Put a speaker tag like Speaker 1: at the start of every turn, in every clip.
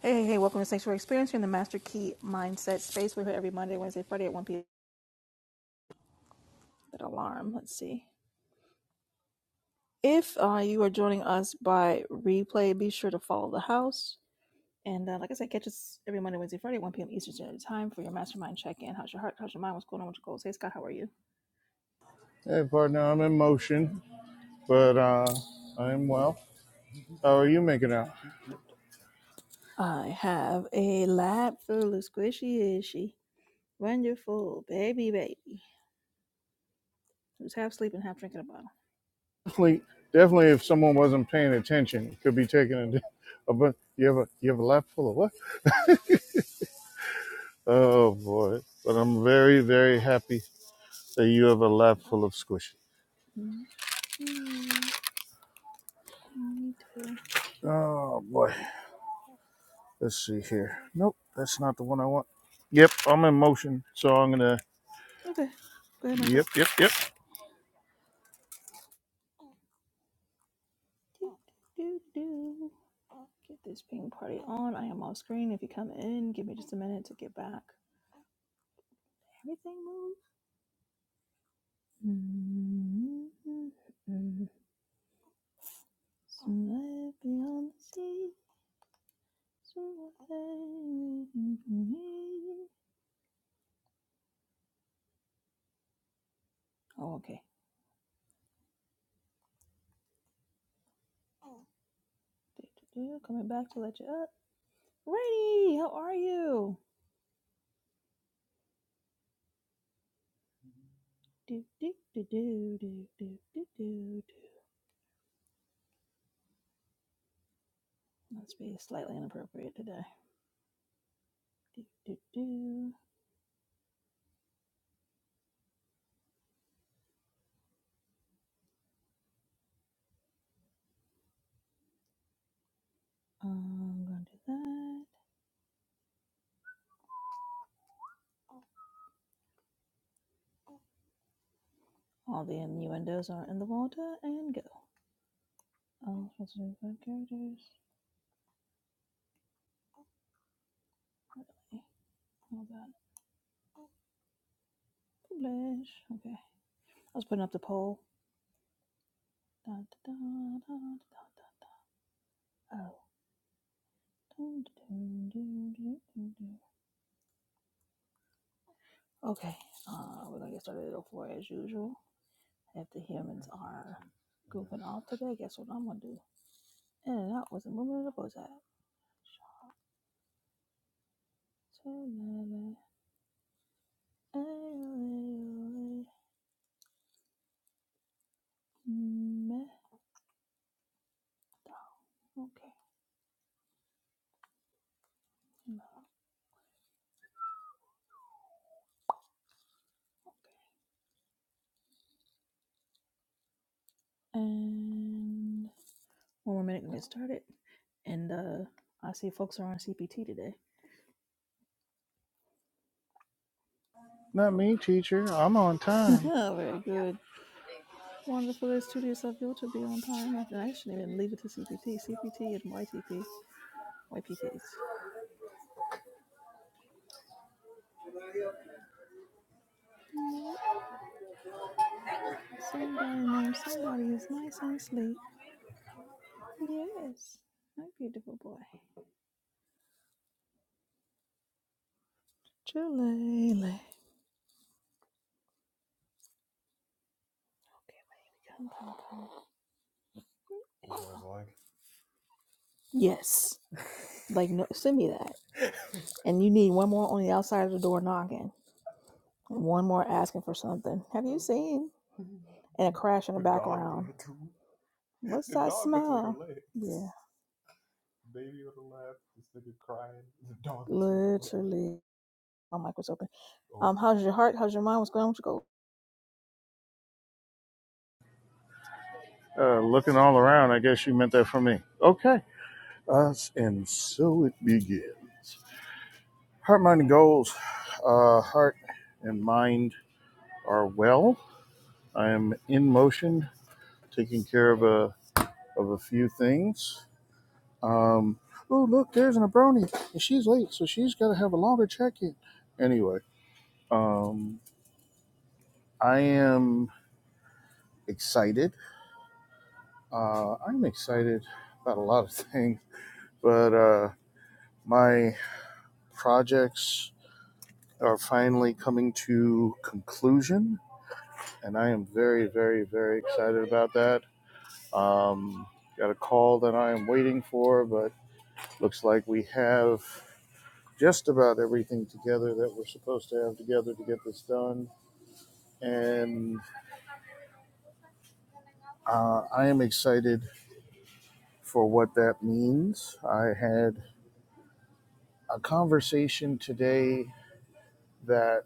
Speaker 1: Hey, hey, hey, welcome to Sanctuary Experience. You're in the Master Key Mindset space. We're here every Monday, Wednesday, Friday at 1 p.m. That alarm. Let's see. If uh, you are joining us by replay, be sure to follow the house. And uh, like I said, catch us every Monday, Wednesday, Friday at 1 p.m. Eastern Standard Time for your mastermind check in. How's your heart? How's your mind? What's going on with your goals? Hey, Scott, how are you?
Speaker 2: Hey, partner, I'm in motion, but uh, I am well. How are you making out?
Speaker 1: I have a lap full of squishy ishy. Wonderful baby, baby. Who's half sleeping, half drinking a bottle.
Speaker 2: Definitely, definitely. If someone wasn't paying attention, it could be taken. a, a bu- you have a you have a lap full of what? Oh boy! But I'm very very happy that you have a lap full of squishes.
Speaker 1: Mm, yeah, me too.
Speaker 2: Oh boy! Let's see here. Nope, that's not the one I want. Yep, I'm in motion, so I'm gonna.
Speaker 1: Okay. Go ahead, Micah.
Speaker 2: Yep, yep, yep.
Speaker 1: Do, do, do. Get this ping party on. I am off screen. If you come in, give me just a minute to get back. Everything move. Mm-hmm. Sweat beyond the sea. Sweat. Oh, okay. Do, do, do. Coming back to let you up. Ready? How are you? Do, do, do, do, do, do, do, do, do. Must be slightly inappropriate today. Do, do, do. I'm going to do that. All the innuendos are in the water and go. All five characters. Really? All that. Publish. Okay. I was putting up the poll. Da, da, da, da, da, da, da, Oh. Dun, dun, dun, dun, dun, dun, Okay. Uh, we're going to get started at 04 as usual. If the humans are goofing off today, guess what I'm going to do? In and out with a movement of the bullseye. Okay. And one more minute and get started. And uh, I see folks are on CPT today.
Speaker 2: Not
Speaker 1: Oh.
Speaker 2: me, teacher. I'm on time.
Speaker 1: Very good. Wonderful. It's studio yourself, you to be on time. I I shouldn't even leave it to CPT. CPT and YTP. YPTs. Yup. Somebody named somebody is nice and sleep. Yes. My beautiful boy. Jalele. Okay, wait, we come, come, come. It was like Yes. Like, no, send me that. And you need one more on the outside of the door knocking, and one more asking for something. Have you seen? And a crash in the The dog background. between What's the that dog between her smell? legs. Yeah. Baby on the left, this nigga crying. The dog between her legs. Literally. My mic was open. Oh, Um, how's your heart? How's your mind? What's going on with your goals?
Speaker 2: Uh, looking all around, I guess you meant that for me. Okay. us, and so it begins. Heart, mind, and goals, uh, heart and mind are well. I am in motion, taking care of a of a few things. Um, oh look, there's an abroni, and she's late, so she's got to have a longer check in. Anyway, um, I am excited. Uh, I'm excited about a lot of things, but uh, my projects are finally coming to conclusion and I am very, very, very excited about that. Um, got a call that I am waiting for, but looks like we have just about everything together that we're supposed to have together to get this done. And uh, I am excited for what that means. I had a conversation today that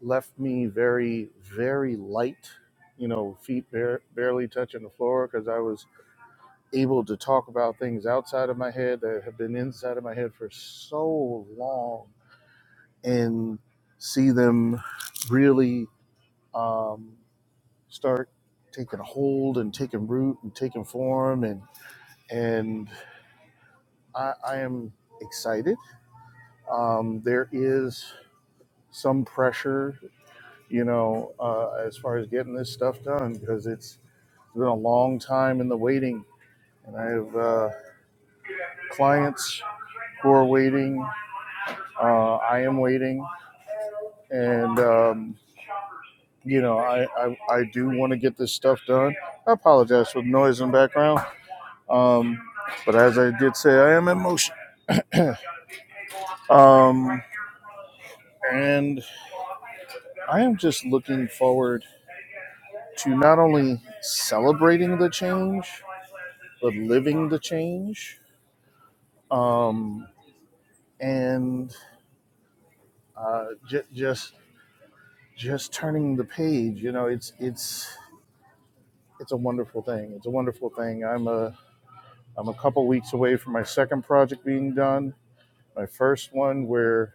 Speaker 2: left me very, very light, you know, feet bare, barely touching the floor because I was able to talk about things outside of my head that have been inside of my head for so long and see them really um, start taking hold and taking root and taking form and and I, I am excited. Um, there is some pressure, you know, uh, as far as getting this stuff done because it's been a long time in the waiting, and I have uh, clients who are waiting Uh, I am waiting, and um, you know, I I, I do want to get this stuff done. I apologize for the noise in the background, um, but as I did say, I am in motion, um, and I am just looking forward to not only celebrating the change but living the change, um, and uh, j- just just turning the page. You know, it's it's it's a wonderful thing. It's a wonderful thing. I'm a I'm a couple weeks away from my second project being done. My first one, we're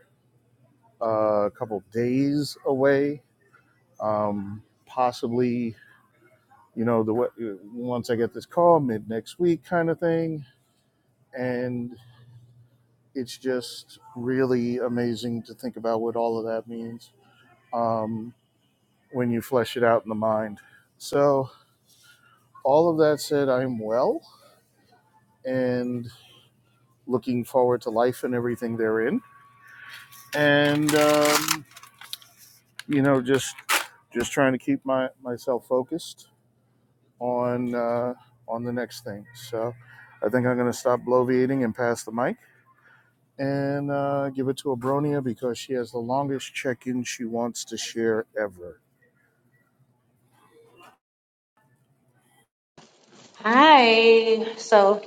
Speaker 2: uh, a couple days away. Um, possibly, you know, the once I get this call, mid next week, kind of thing. And it's just really amazing to think about what all of that means um, when you flesh it out in the mind. So, all of that said, I'm well and looking forward to life and everything therein. And um, you know, just just trying to keep my myself focused on uh, on the next thing. So I think I'm going to stop bloviating and pass the mic and uh, give it to Abronia because she has the longest check-in she wants to share ever.
Speaker 3: Hi. So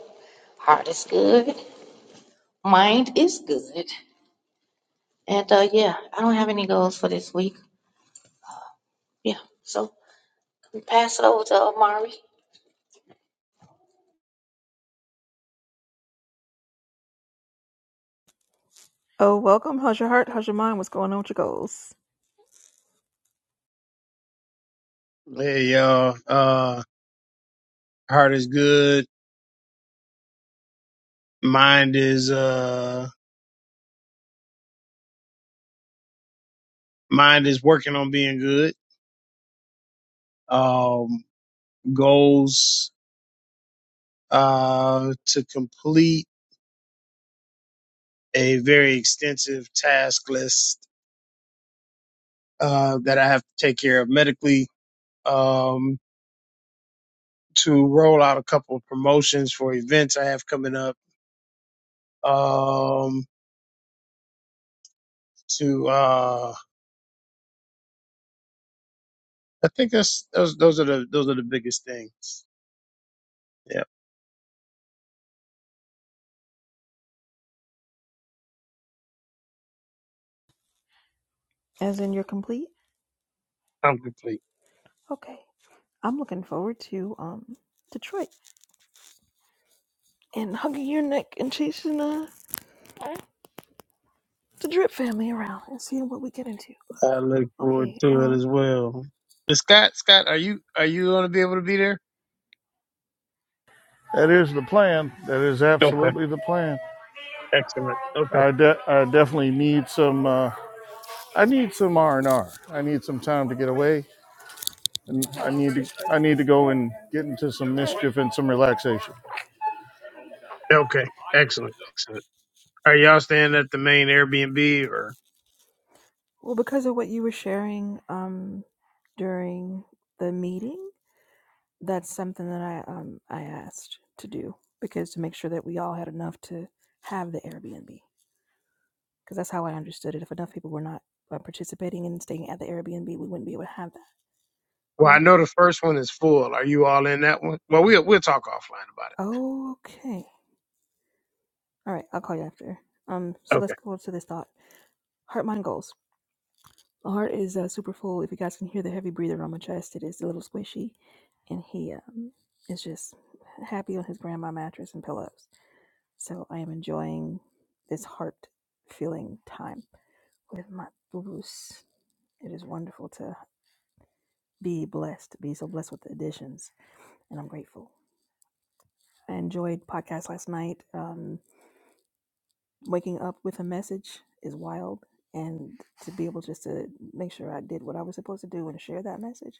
Speaker 3: heart is good, mind is good, and uh, yeah, I don't have any goals for this week. Yeah, so we pass it over to Amari.
Speaker 1: Oh, welcome. How's your heart? How's your mind? What's going on with your goals?
Speaker 4: Hey y'all, uh, heart is good. Mind is uh, mind is working on being good. Um, goals uh to complete a very extensive task list uh that I have to take care of medically. Um, to roll out a couple of promotions for events I have coming up. Um, to uh, I think that's those those are the those are the biggest things. Yeah,
Speaker 1: As in, you're complete.
Speaker 4: I'm complete.
Speaker 1: Okay. I'm looking forward to um Detroit and hugging your neck and chasing uh the drip family around and seeing what we get into.
Speaker 4: I look forward
Speaker 1: Okay,
Speaker 4: to it
Speaker 1: uh,
Speaker 4: as well. But Scott, Scott, are you are you going to be able to be there?
Speaker 2: That is the plan. That is
Speaker 4: Okay,
Speaker 2: absolutely the plan.
Speaker 4: excellent. Okay,
Speaker 2: I, de- I definitely need some. Uh, I need some R and R. I need some time to get away, and I need to. I need to go and get into some mischief and some relaxation.
Speaker 4: okay, excellent, excellent. Are y'all staying at the main Airbnb or?
Speaker 1: well, because of what you were sharing um, during the meeting, that's something that I um, I asked to do because to make sure that we all had enough to have the Airbnb because that's how I understood it. If enough people were not uh, participating and staying at the Airbnb, we wouldn't be able to have that,
Speaker 4: Well, I
Speaker 1: right?
Speaker 4: know the first one is full. Are you all in that one? Well, we'll we'll talk offline about
Speaker 1: Okay, all right, I'll call you after. Um,
Speaker 4: it.
Speaker 1: so let's
Speaker 4: Okay.
Speaker 1: go to this thought: heart, mind, goals. My heart is uh, super full. If you guys can hear the heavy breather on my chest, it is a little squishy, and he um, is just happy on his grandma mattress and pillows. So I am enjoying this heart feeling time with my boo-boos. It is wonderful to be blessed, be so blessed with the additions, and I'm grateful. I enjoyed podcast last night. Um, waking up with a message is wild, and to be able just to make sure I did what I was supposed to do and share that message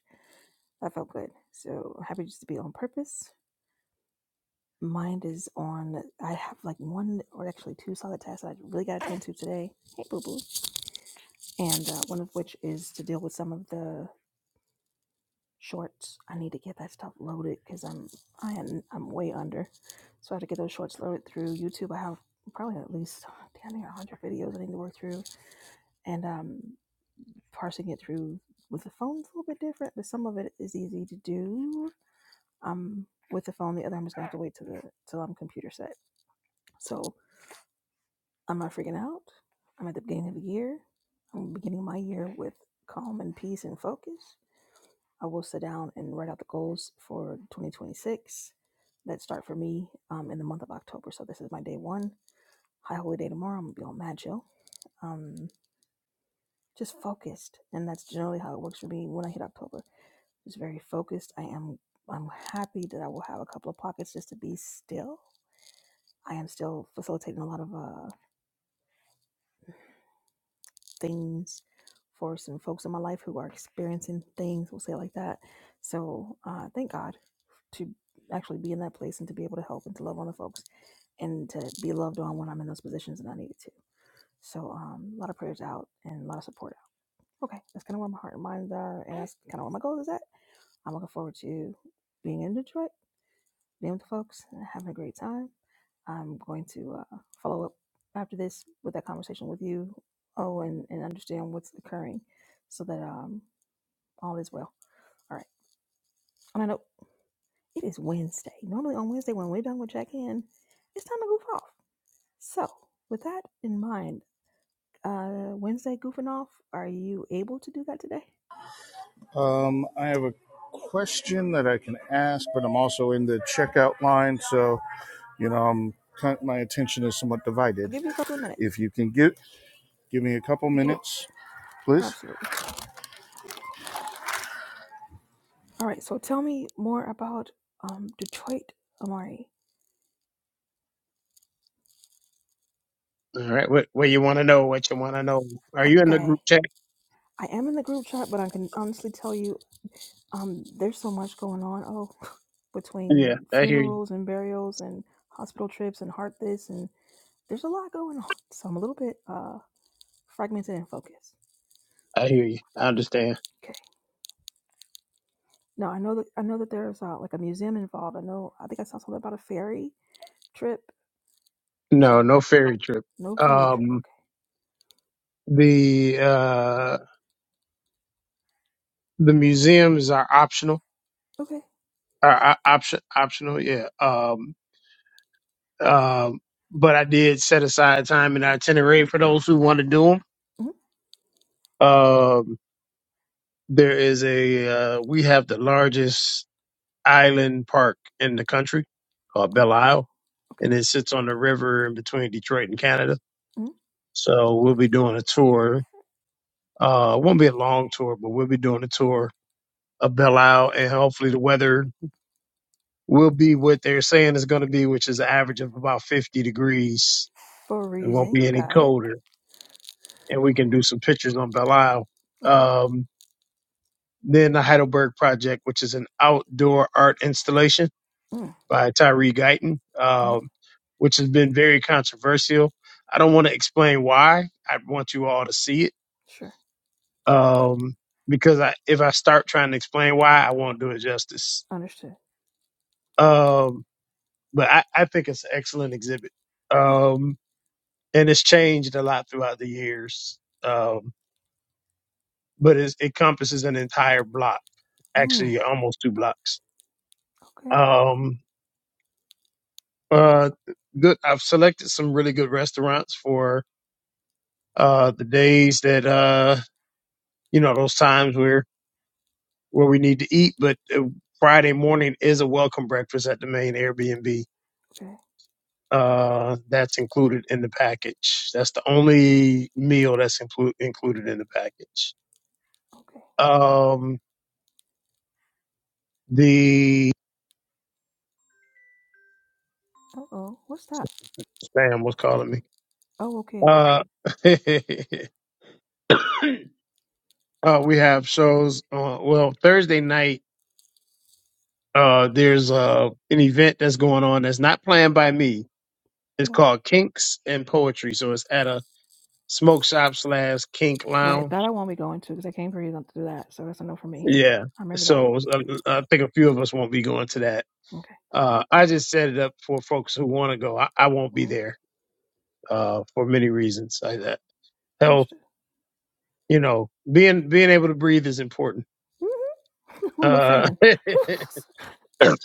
Speaker 1: That felt good. So happy just to be on purpose. Mind is on. I have like one or actually two solid tasks that I really got to tend to today. Hey, boo boo. And uh, one of which is to deal with some of the shorts. I need to get that stuff loaded because I'm I am I'm way under. So I have to get those shorts loaded through YouTube. I have probably at least damn near 100 videos I need to work through, and um, parsing it through with the phone's a little bit different, but some of it is easy to do I'm with the phone. The other I'm just gonna have to wait till the till I'm computer set. So I'm not freaking out. I'm at the beginning of the year. I'm beginning my year with calm and peace and focus. I will sit down and write out the goals for 2026 that start for me um, in the month of October. So this is my day one. High holy day tomorrow. I'm gonna be on Mad Joe. Um, just focused, and that's generally how it works for me when I hit October. Just very focused. I am. I'm happy that I will have a couple of pockets just to be still I am still facilitating a lot of uh, things for some folks in my life who are experiencing things, we'll say it like that. So uh, thank God to actually be in that place and to be able to help and to love on the folks and to be loved on when I'm in those positions and I needed to. So um, a lot of prayers out and a lot of support out. Okay, that's kind of where my heart and mind are, and that's kind of where my goals is at. I'm looking forward to being in Detroit, being with the folks, and having a great time I'm going to uh, follow up after this with that conversation with you, oh, and, and understand what's occurring so that um, all is well. All right. On a note, it is Wednesday. Normally on Wednesday, when we're done with check in, it's time to goof off. So, with that in mind, uh, Wednesday goofing off, are you able to do that today?
Speaker 2: Um, I have a question that I can ask, but I'm also in the checkout line, so you know I'm kind- my attention is somewhat divided.
Speaker 1: I'll give you a couple of
Speaker 2: If
Speaker 1: minutes.
Speaker 2: you can give give me a couple
Speaker 1: You Get it?
Speaker 2: minutes, please.
Speaker 1: Absolutely. All right. So, tell me more about um, Detroit, Amari.
Speaker 4: All right. What what you want to know? What you want to know? Are you in the
Speaker 1: Okay.
Speaker 4: group chat?
Speaker 1: I am in the group chat, but I can honestly tell you. um there's so much going on oh
Speaker 4: Yeah,
Speaker 1: between
Speaker 4: I hear you.
Speaker 1: funerals and burials and hospital trips and heart this and there's a lot going on so i'm a little bit uh fragmented and focused
Speaker 4: I hear you. I understand.
Speaker 1: okay now i know that i know that there's uh, like a museum involved i know i think i saw something about a ferry trip
Speaker 4: No,
Speaker 1: so
Speaker 4: no ferry trip.
Speaker 1: no ferry trip
Speaker 4: Um,
Speaker 1: okay
Speaker 4: the uh the museums are optional.
Speaker 1: okay
Speaker 4: or uh, option optional, yeah. Um, um, but I did set aside time in our itinerary for those who want to do them. Um, there is a uh, we have the largest island park in the country called Belle
Speaker 1: mm-hmm.
Speaker 4: Isle,
Speaker 1: okay
Speaker 4: and it sits on the river in between Detroit and Canada.
Speaker 1: mm
Speaker 4: So we'll be doing a tour. Uh, it won't be a long tour, but we'll be doing a tour of Belle Isle, and hopefully the weather will be what they're saying it's going to be, which is an average of about 50 degrees It won't be
Speaker 1: freezing
Speaker 4: any
Speaker 1: got it
Speaker 4: colder, and we
Speaker 1: Whew.
Speaker 4: can do some pictures on Belial.
Speaker 1: okay
Speaker 4: Um, then the Heidelberg Project, which is an outdoor art installation
Speaker 1: mm
Speaker 4: by Tyree Guyton,
Speaker 1: mm,
Speaker 4: um, which has been very controversial. I don't want to explain why. I want you all to see it
Speaker 1: sure
Speaker 4: um, because I, if I start trying to explain why, I won't do it justice.
Speaker 1: understood
Speaker 4: Um, but I, I think it's an excellent exhibit,
Speaker 1: okay
Speaker 4: um, and it's changed a lot throughout the years. Um, but it's, it encompasses an entire block,
Speaker 1: mm,
Speaker 4: actually almost two blocks.
Speaker 1: okay
Speaker 4: Um, uh, good. I've selected some really good restaurants for uh, the days that uh, you know those times where where we need to eat. But uh, Friday morning is a welcome breakfast at the main Airbnb.
Speaker 1: okay
Speaker 4: Uh, that's included in the package. That's the only meal that's inclu- included in the package.
Speaker 1: okay
Speaker 4: Um, the
Speaker 1: uh-oh what's that
Speaker 4: Sam was calling me.
Speaker 1: oh okay
Speaker 4: Uh, Uh, we have shows. Uh, well, Thursday night, uh, there's uh, an event that's going on that's not planned by me. It's
Speaker 1: Well,
Speaker 4: called Kinks and Poetry. So it's at a smoke shop slash kink
Speaker 1: Right,
Speaker 4: lounge.
Speaker 1: that I won't be going to because I came for you not to do that. So that's a no for me.
Speaker 4: Yeah.
Speaker 1: I remember that.
Speaker 4: So uh, I think a few of us won't be going to that.
Speaker 1: Okay.
Speaker 4: Uh, I just set it up for folks who want to go. I, I won't be
Speaker 1: Well,
Speaker 4: there uh, for many reasons. I, uh, health,
Speaker 1: understood.
Speaker 4: you know, being being able to breathe is important.
Speaker 1: i I'm a
Speaker 4: Uh,
Speaker 1: fan.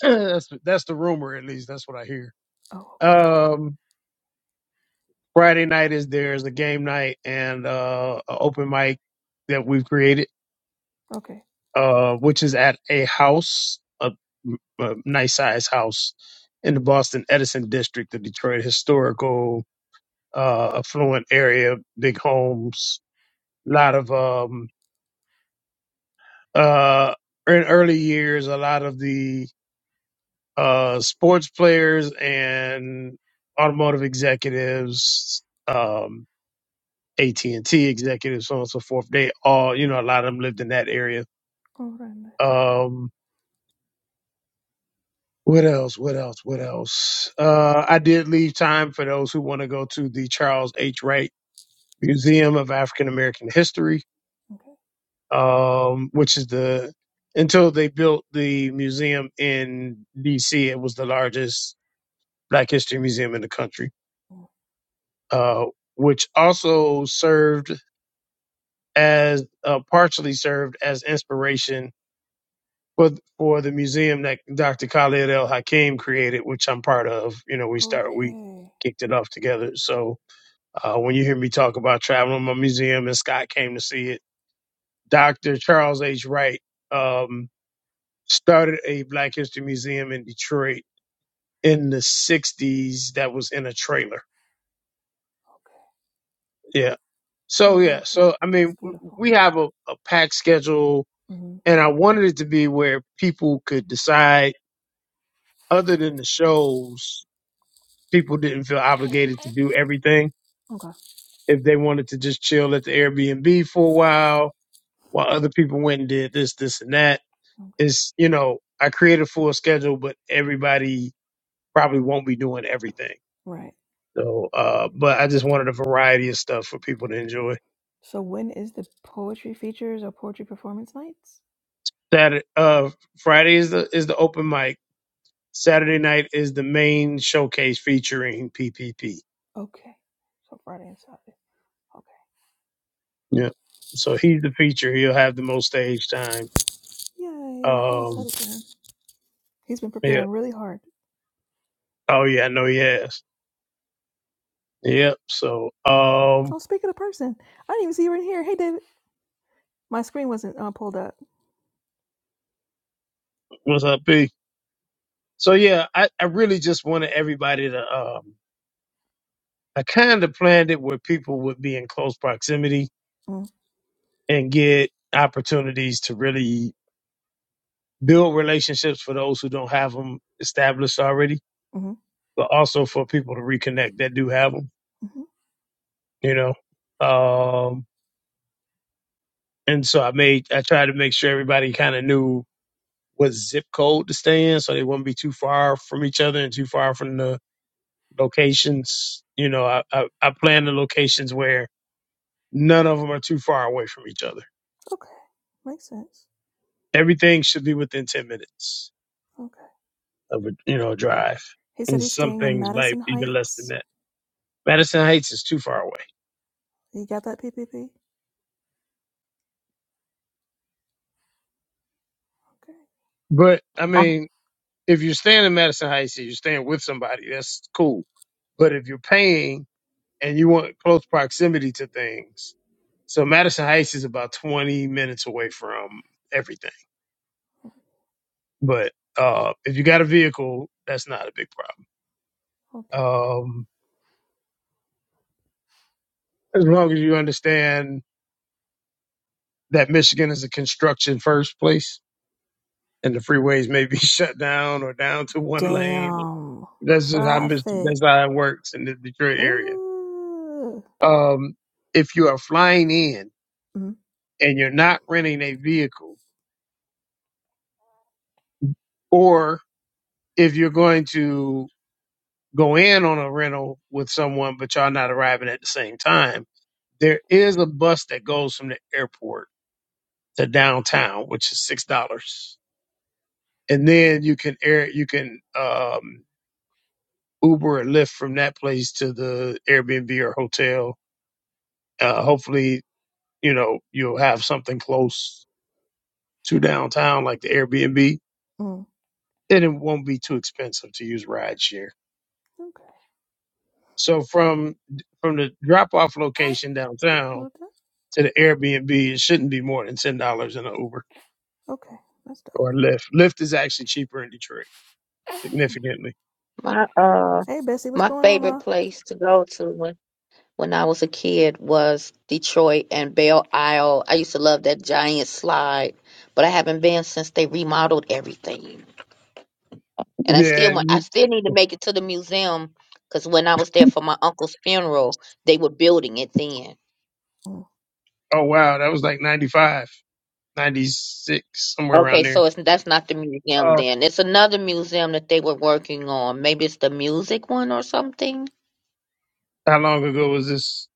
Speaker 4: that's that's the rumor, at least. That's what I hear.
Speaker 1: oh, okay.
Speaker 4: Um, Friday night is there's a game night and uh an open mic that we've created,
Speaker 1: Okay.
Speaker 4: uh, which is at a house, a, a nice size house in the Boston Edison district of Detroit, historical, uh, affluent area, big homes, a lot of um uh in early years, a lot of the uh sports players and automotive executives. Um, AT and T executives, so on and so forth. They all, you know, a lot of them lived in that area.
Speaker 1: All right. then.
Speaker 4: Um, what else? What else? What else? Uh, I did leave time for those who want to go to the Charles H. Wright Museum of African American History,
Speaker 1: Okay.
Speaker 4: um, which is the until they built the museum in D.C. It was the largest Black History museum in the country,
Speaker 1: Mm.
Speaker 4: uh, which also served as uh, partially served as inspiration for for the museum that Dr. Khalid El Hakim created, which I'm part of. You know, we start
Speaker 1: Okay.
Speaker 4: we kicked it off together. So uh, when you hear me talk about traveling my museum, and Scott came to see it, Dr. Charles H. Wright um, started a Black History Museum in Detroit in the '60s. That was in a trailer.
Speaker 1: Okay.
Speaker 4: Yeah. So
Speaker 1: And
Speaker 4: yeah.
Speaker 1: built it.
Speaker 4: So I
Speaker 1: That's
Speaker 4: mean, w-
Speaker 1: beautiful.
Speaker 4: we have a, a packed schedule,
Speaker 1: hmm
Speaker 4: and I wanted it to be where people could decide, other than the shows, people didn't feel obligated to do everything.
Speaker 1: Okay.
Speaker 4: If they wanted to just chill at the Airbnb for a while while other people went and did this, this and that
Speaker 1: Okay.
Speaker 4: is, you know, I created a full schedule, but everybody probably won't be doing everything.
Speaker 1: Right.
Speaker 4: So, uh, but I just wanted a variety of stuff for people to enjoy.
Speaker 1: So when is the poetry features or poetry performance nights?
Speaker 4: Saturday, uh, Friday is the, is the open mic. Saturday night is the main showcase featuring PPP.
Speaker 1: Okay. So Friday and Saturday. Okay.
Speaker 4: Yeah. So he's the feature. He'll have the most stage time.
Speaker 1: Yay. I'm
Speaker 4: Um,
Speaker 1: excited for him. He's been
Speaker 4: yeah.
Speaker 1: preparing really hard.
Speaker 4: Oh yeah, I know he has. Yep. So um
Speaker 1: Oh, speaking of person, I didn't even see you were in here. Hey, David. My screen wasn't uh, pulled up.
Speaker 4: what's up, B? So yeah, I, I really just wanted everybody to um I kind of planned it where people would be in close proximity
Speaker 1: Mm,
Speaker 4: and get opportunities to really build relationships for those who don't have them established already,
Speaker 1: Mm-hmm.
Speaker 4: but also for people to reconnect that do have them,
Speaker 1: hmm
Speaker 4: you know. Um and so I made I tried to make sure everybody kind of knew what zip code to stay in so they wouldn't be too far from each other and too far from the locations. You know, I, I, I plan the locations where none of them are too far away from each other.
Speaker 1: Okay. Makes sense.
Speaker 4: Everything should be within 10 minutes
Speaker 1: Okay.
Speaker 4: of a, you know, drive.
Speaker 1: He said
Speaker 4: And
Speaker 1: he's
Speaker 4: some
Speaker 1: staying in
Speaker 4: things might
Speaker 1: Madison
Speaker 4: even less than
Speaker 1: Heights.
Speaker 4: that. Madison Heights is too far away.
Speaker 1: You got that PPP? Okay.
Speaker 4: But I
Speaker 3: Uh,
Speaker 4: mean, if you're staying in Madison Heights and you're staying with somebody, that's cool. But if you're paying and you want close proximity to things, so Madison Heights is about 20 minutes away from everything. But uh, if you got a vehicle, that's not a big problem.
Speaker 1: Okay.
Speaker 4: Um, as long as you understand that Michigan is a construction first place and the freeways may be shut down or down to one lane.
Speaker 1: Damn.
Speaker 4: That's just how Mich-
Speaker 1: Traffic.
Speaker 4: that's how it works in the Detroit area.
Speaker 1: Ooh.
Speaker 4: Um, if you are flying in and you're not renting a vehicle, or if you're going to go in on a rental with someone but y'all not arriving at the same time, there is a bus that goes from the airport to downtown, which is six dollars and then you can air you can um uber and lyft from that place to the airbnb or hotel uh hopefully you know you'll have something close to downtown like the airbnb
Speaker 1: Mm-mm.
Speaker 4: and it won't be too expensive to use rideshare
Speaker 1: Okay.
Speaker 4: so from from the drop off
Speaker 1: Hey,
Speaker 4: location downtown
Speaker 1: Buddha.
Speaker 4: to the airbnb it shouldn't be more than ten dollars in an uber
Speaker 1: Okay. That's dope.
Speaker 4: or lyft lyft is actually cheaper in detroit significantly
Speaker 3: My uh,
Speaker 1: Hey, Bessie. What's
Speaker 3: my
Speaker 1: going on,
Speaker 3: favorite
Speaker 1: ma?
Speaker 3: place to go to when when I was a kid was Detroit and Belle Isle. I used to love that giant slide, but I haven't been since they remodeled everything. And I still
Speaker 4: yeah and
Speaker 3: want, I
Speaker 4: you-
Speaker 3: still need to make it to the museum because when I was there for my uncle's funeral, they were building it then.
Speaker 1: Mm.
Speaker 4: oh wow that was like 95 96, somewhere
Speaker 3: Okay,
Speaker 4: around there.
Speaker 3: so it's that's not the museum
Speaker 4: Uh,
Speaker 3: then. It's another museum that they were working on. Maybe it's the music one or something.
Speaker 4: how long ago was this?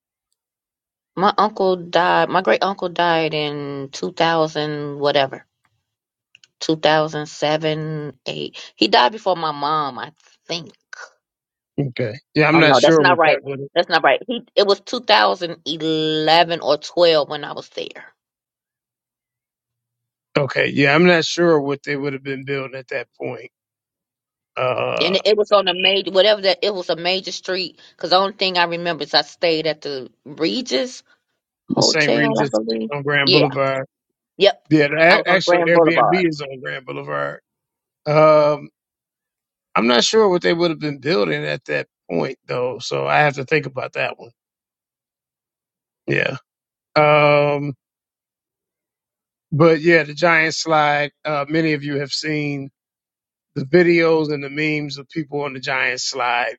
Speaker 3: My uncle died. My great uncle died in 2000 whatever. 2007, 8. He died before my mom, I think.
Speaker 4: Okay. Yeah, I'm
Speaker 3: Oh
Speaker 4: not
Speaker 3: no, that's
Speaker 4: sure
Speaker 3: not
Speaker 4: what
Speaker 3: right.
Speaker 4: that would have.
Speaker 3: That's not right. He it was 2011 or 12 when I was there.
Speaker 4: Okay. Yeah, I'm not sure what they would have been building at that point.
Speaker 3: And
Speaker 4: Uh,
Speaker 3: it was on a major, whatever that, it was a major street. Because the only thing I remember is I stayed at the Regis
Speaker 4: the St.
Speaker 3: Hotel, I
Speaker 4: Regis
Speaker 3: believe.
Speaker 4: on Grand
Speaker 3: Yeah,
Speaker 4: Boulevard.
Speaker 3: yep.
Speaker 4: Yeah, the,
Speaker 3: Out on
Speaker 4: actually,
Speaker 3: Grand
Speaker 4: Airbnb
Speaker 3: Boulevard.
Speaker 4: is on Grand Boulevard. Um, I'm not sure what they would have been building at that point, though. So I have to think about that one. Yeah. Um, but yeah, the giant slide, uh, many of you have seen the videos and the memes of people on the giant slide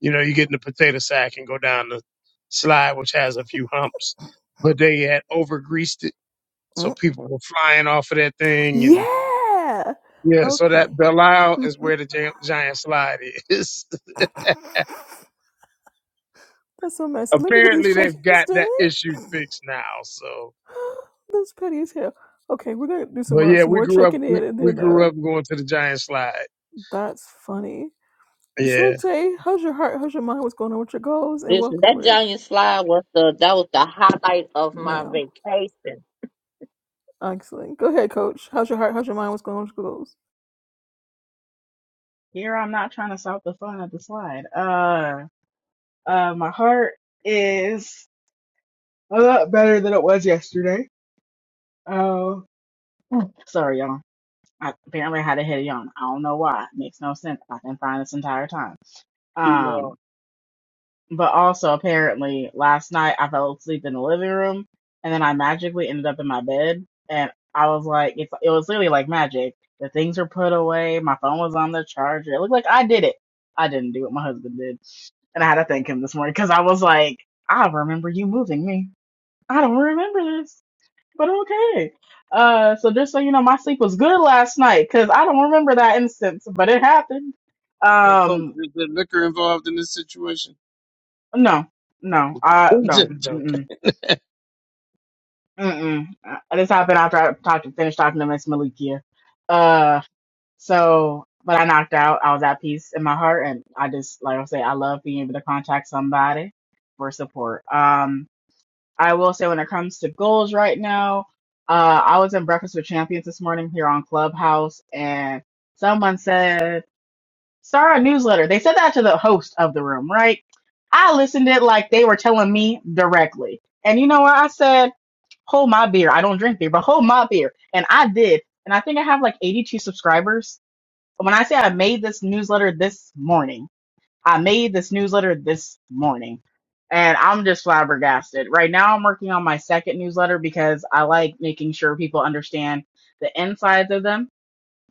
Speaker 4: You know, you get in the potato sack and go down the slide, which has a few humps, but they had over greased it. So
Speaker 1: Mm.
Speaker 4: people were flying off of that thing. And
Speaker 1: Yeah.
Speaker 4: yeah, so
Speaker 1: Okay.
Speaker 4: that Belial is where the gi- giant slide is.
Speaker 1: That's so messy. Let me get these
Speaker 4: Apparently they've
Speaker 1: check-ins
Speaker 4: got
Speaker 1: done.
Speaker 4: that issue fixed now. So,
Speaker 1: That's petty as hell. Okay, we're gonna do some
Speaker 4: but
Speaker 1: uh,
Speaker 4: yeah,
Speaker 1: some
Speaker 4: we
Speaker 1: more
Speaker 4: grew up,
Speaker 1: checking
Speaker 4: we,
Speaker 1: in, and
Speaker 4: we
Speaker 1: then uh,
Speaker 4: grew up going to the giant slide.
Speaker 1: that's funny.
Speaker 4: Yeah.
Speaker 1: Shrente, how's your heart? How's your mind? What's going on with your goals? And
Speaker 3: Listen,
Speaker 1: welcome
Speaker 3: that
Speaker 1: over there,
Speaker 3: giant slide was the that was the highlight of my
Speaker 1: ma'am.
Speaker 3: vacation.
Speaker 1: Excellent. Go ahead, coach. How's your heart? How's your mind? What's going on with your goals?
Speaker 5: Here I'm not trying to stop the fun of the slide. Uh, uh, my heart is a lot better than it was yesterday. Oh, uh, sorry, y'all. I apparently had a head yawn. I don't know why. It Makes no sense. I can find this entire time.
Speaker 4: yeah.
Speaker 5: Um. But also, apparently, last night I fell asleep in the living room, and then I magically ended up in my bed, and I was like, it's, it was literally like magic. The things were put away. My phone was on the charger. It looked like I did it. I didn't do it. My husband did, and I had to thank him this morning because I was like, I remember you moving me. I don't remember this, but okay. Uh, so just so you know, my sleep was good last night because I don't remember that instance, but it happened.
Speaker 4: Hey, coach,
Speaker 5: Um,
Speaker 4: is there liquor involved in this situation?
Speaker 5: no, no, I no.
Speaker 4: just
Speaker 5: mm-mm.
Speaker 4: joking.
Speaker 5: Mm-mm. Uh, This happened after I talked, finished talking to Miss Malikia. Uh, so, but I knocked out. I was at peace in my heart, and I just, like I say, I love being able to contact somebody for support. Um, I will say when it comes to goals right now, uh, I was in Breakfast with Champions this morning here on Clubhouse, and someone said, start a newsletter. They said that to the host of the room, right? I listened to it like they were telling me directly. And you know what I said? hold my beer. I don't drink beer, but hold my beer. And I did. And I think I have like 82 subscribers. But When I say I made this newsletter this morning, I made this newsletter this morning. And I'm just flabbergasted. Right now, I'm working on my second newsletter because I like making sure people understand the insides of them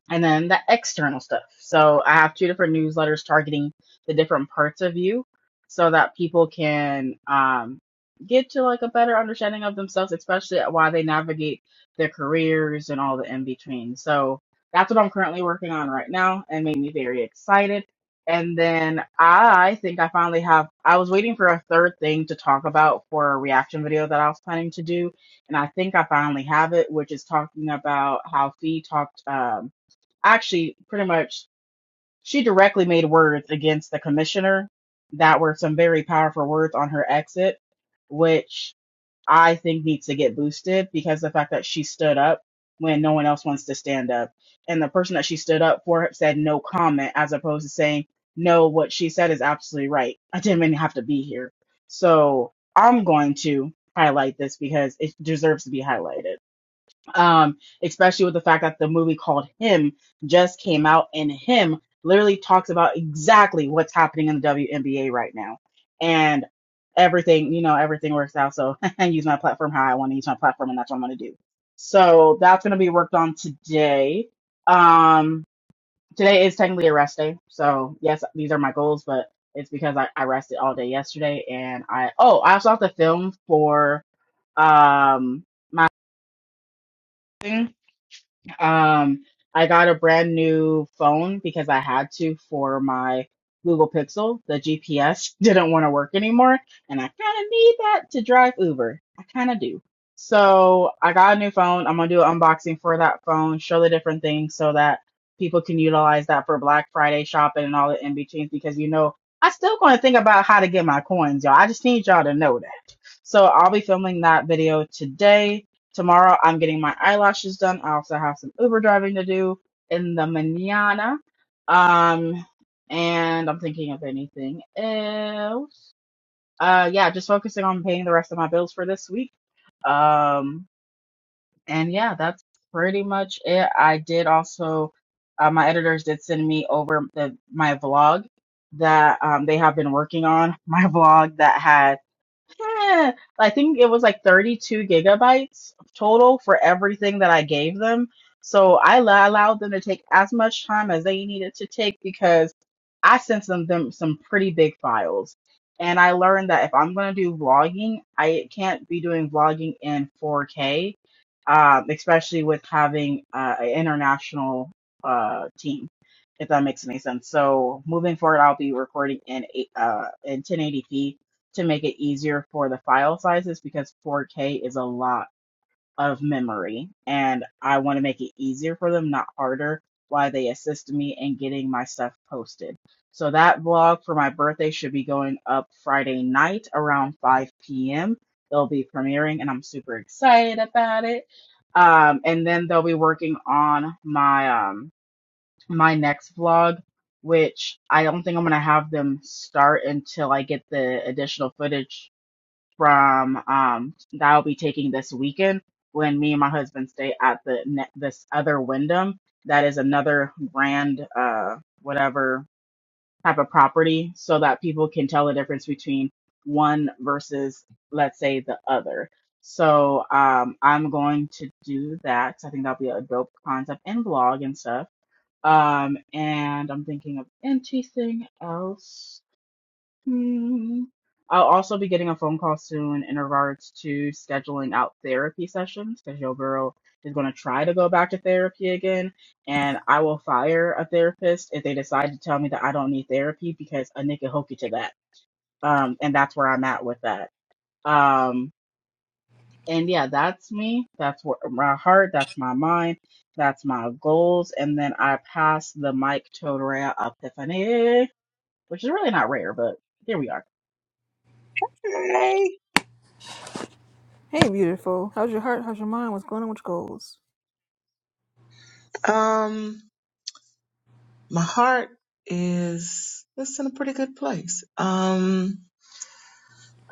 Speaker 5: and then the external stuff. So I have two different newsletters targeting the different parts of you so that people can um, get to like a better understanding of themselves, especially at why they navigate their careers and all the in between. So that's what I'm currently working on right now and made me very excited. And then I think I finally have, I was waiting for a third thing to talk about for a reaction video that I was planning to do. And I think I finally have it, which is talking about how Fee talked. Um, actually pretty much she directly made words against the commissioner that were some very powerful words on her exit which i think needs to get boosted because the fact that she stood up when no one else wants to stand up and the person that she stood up for said no comment as opposed to saying no what she said is absolutely right i didn't even have to be here so i'm going to highlight this because it deserves to be highlighted um, especially with the fact that the movie called Him just came out, and Him literally talks about exactly what's happening in the WNBA right now, and everything you know, everything works out. So I use my platform how I want to use my platform, and that's what I'm going to do. So that's going to be worked on today. Um, today is technically a rest day, so yes, these are my goals, but it's because I, I rested all day yesterday, and I oh, I also have to film for um my. Um, I got a brand new phone because I had to for my Google Pixel. The GPS didn't want to work anymore, and I kind of need that to drive Uber. I kind of do. So I got a new phone. I'm gonna do an unboxing for that phone, show the different things so that people can utilize that for Black Friday shopping and all the in betweens because you know I still gonna think about how to get my coins, y'all. I just need y'all to know that. So I'll be filming that video today Tomorrow I'm getting my eyelashes done. I also have some Uber driving to do in the manana. Um, and I'm thinking of anything else. Uh, yeah, just focusing on paying the rest of my bills for this week. Um, and yeah, that's pretty much it. I did also, uh, my editors did send me over the, my vlog that um, they have been working on. My vlog that had Eh, I think it was like 32 gigabytes total for everything that I gave them. So I la- allowed them to take as much time as they needed to take because I sent them, them some pretty big files. And I learned that if I'm going to do vlogging, I can't be doing vlogging in 4K, um, especially with having uh, an international uh, team, if that makes any sense. So moving forward, I'll be recording in eight- uh, in 1080p to make it easier for the file sizes because 4K is a lot of memory and I want to make it easier for them, not harder, while they assist me in getting my stuff posted. So that vlog for my birthday should be going up Friday night around 5 p.m. They'll be premiering and I'm super excited about it. Um, and then they'll be working on my um, my next vlog which I don't think I'm gonna have them start until I get the additional footage from um that I'll be taking this weekend when me and my husband stay at the ne- this other Wyndham that is another grand uh whatever type of property so that people can tell the difference between one versus let's say the other. So um I'm going to do that. I think that'll be a dope concept and vlog and stuff. Um and I'm thinking of anything else Hmm. I'll also be getting a phone call soon in regards to scheduling out therapy sessions because your girl is going to try to go back to therapy again. And I will fire a therapist if they decide to tell me that I don't need therapy because a nigga hokey to that. Um, and that's where I'm at with that. Um, and yeah, that's me. That's where my heart, that's my mind, that's my goals. And then I pass the mic to Rhea Epiphany, which is really not rare, but here we are.
Speaker 6: Hey.
Speaker 1: Hey, beautiful. How's your heart? How's your mind? What's going on with your goals?
Speaker 6: Um, my heart is it's in a pretty good place. Um,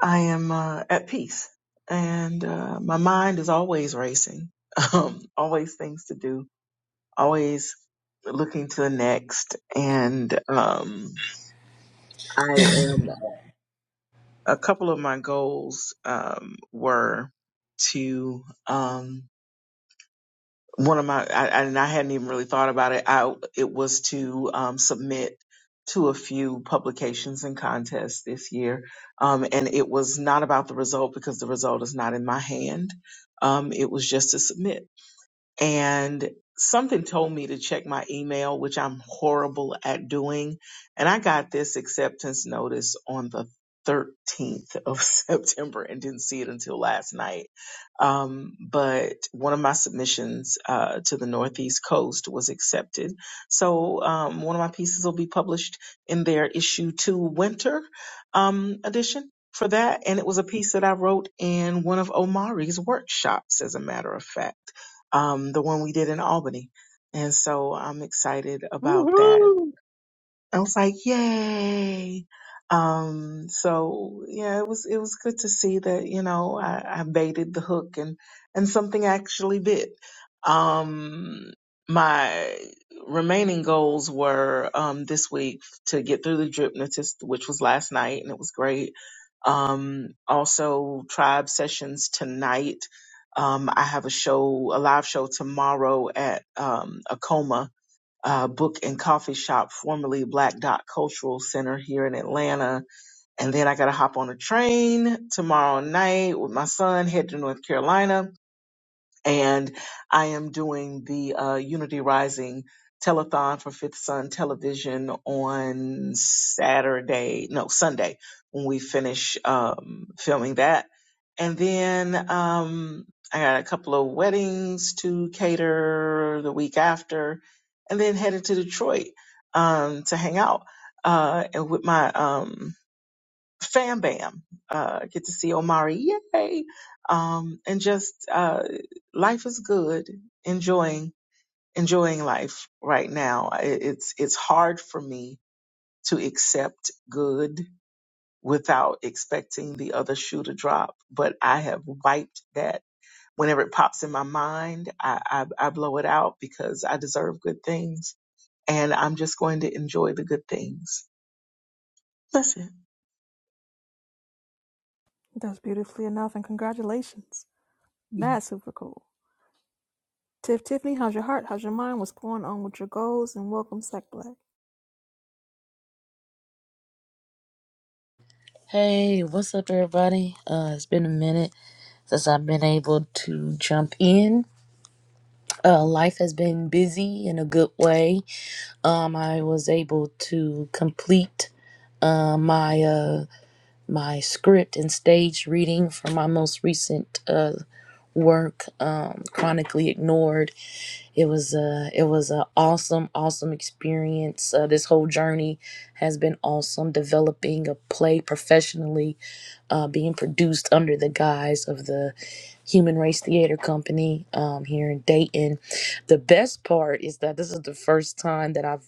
Speaker 6: I am uh, at peace, and uh, my mind is always racing. Um, always things to do. Always looking to the next. And um, I am. A couple of my goals um were to um one of my I, I- and I hadn't even really thought about it. I it was to um, submit to a few publications and contests this year, um, and it was not about the result because the result is not in my hand. Um, it was just to submit and something told me to check my email, which I'm horrible at doing. And I got this acceptance notice on the 13th of September and didn't see it until last night. Um, but one of my submissions uh, to the Northeast Coast was accepted. So um, one of my pieces will be published in their issue two winter um, edition. For that, and it was a piece that I wrote in one of Omari's workshops, as a matter of fact um, the one we did in Albany. And so I'm excited about that.
Speaker 4: Woohoo!
Speaker 6: I was like, yay. Um, so yeah, it was, it was good to see that, you know, I, I baited the hook and, and something actually bit. Um, my remaining goals were, um, this week to get through the Dripnotist, which was last night and it was great. Um, also tribe sessions tonight. Um, I have a show, a live show tomorrow at, um, Acoma uh, book and coffee shop, formerly Black Dot Cultural Center here in Atlanta. And then I got to hop on a train tomorrow night with my son, head to North Carolina and I am doing the uh, Unity Rising telethon for Fifth Sun Television on Saturday, no Sunday, when we finish um, filming that, and then um, I got a couple of weddings to cater the week after, and then headed to Detroit um, to hang out uh, and with my um, Fam Bam. Uh, get to see Omari. Yay. Um, and just, uh, life is good. Enjoying, enjoying life right now. I- It's, it's hard for me to accept good without expecting the other shoe to drop, but I have wiped that. Whenever it pops in my mind, I, I, I blow it out because I deserve good things and I'm just going to enjoy the good things. That's
Speaker 1: That's beautifully enough, and congratulations.
Speaker 6: it.
Speaker 1: That's super cool. Tiff Tiffany, how's your heart? How's your mind? What's going on with your goals? And welcome, Sack Black.
Speaker 7: Hey, what's up, everybody? Uh, it's been a minute since I've been able to jump in. Uh, life has been busy in a good way. Um, I was able to complete uh, my uh, my script and stage reading for my most recent uh, work, um, Chronically Ignored. It was a it was a awesome awesome experience. Uh, this whole journey has been awesome. Developing a play professionally, uh, being produced under the guise of the Human Race Theater Company um, here in Dayton. The best part is that this is the first time that I've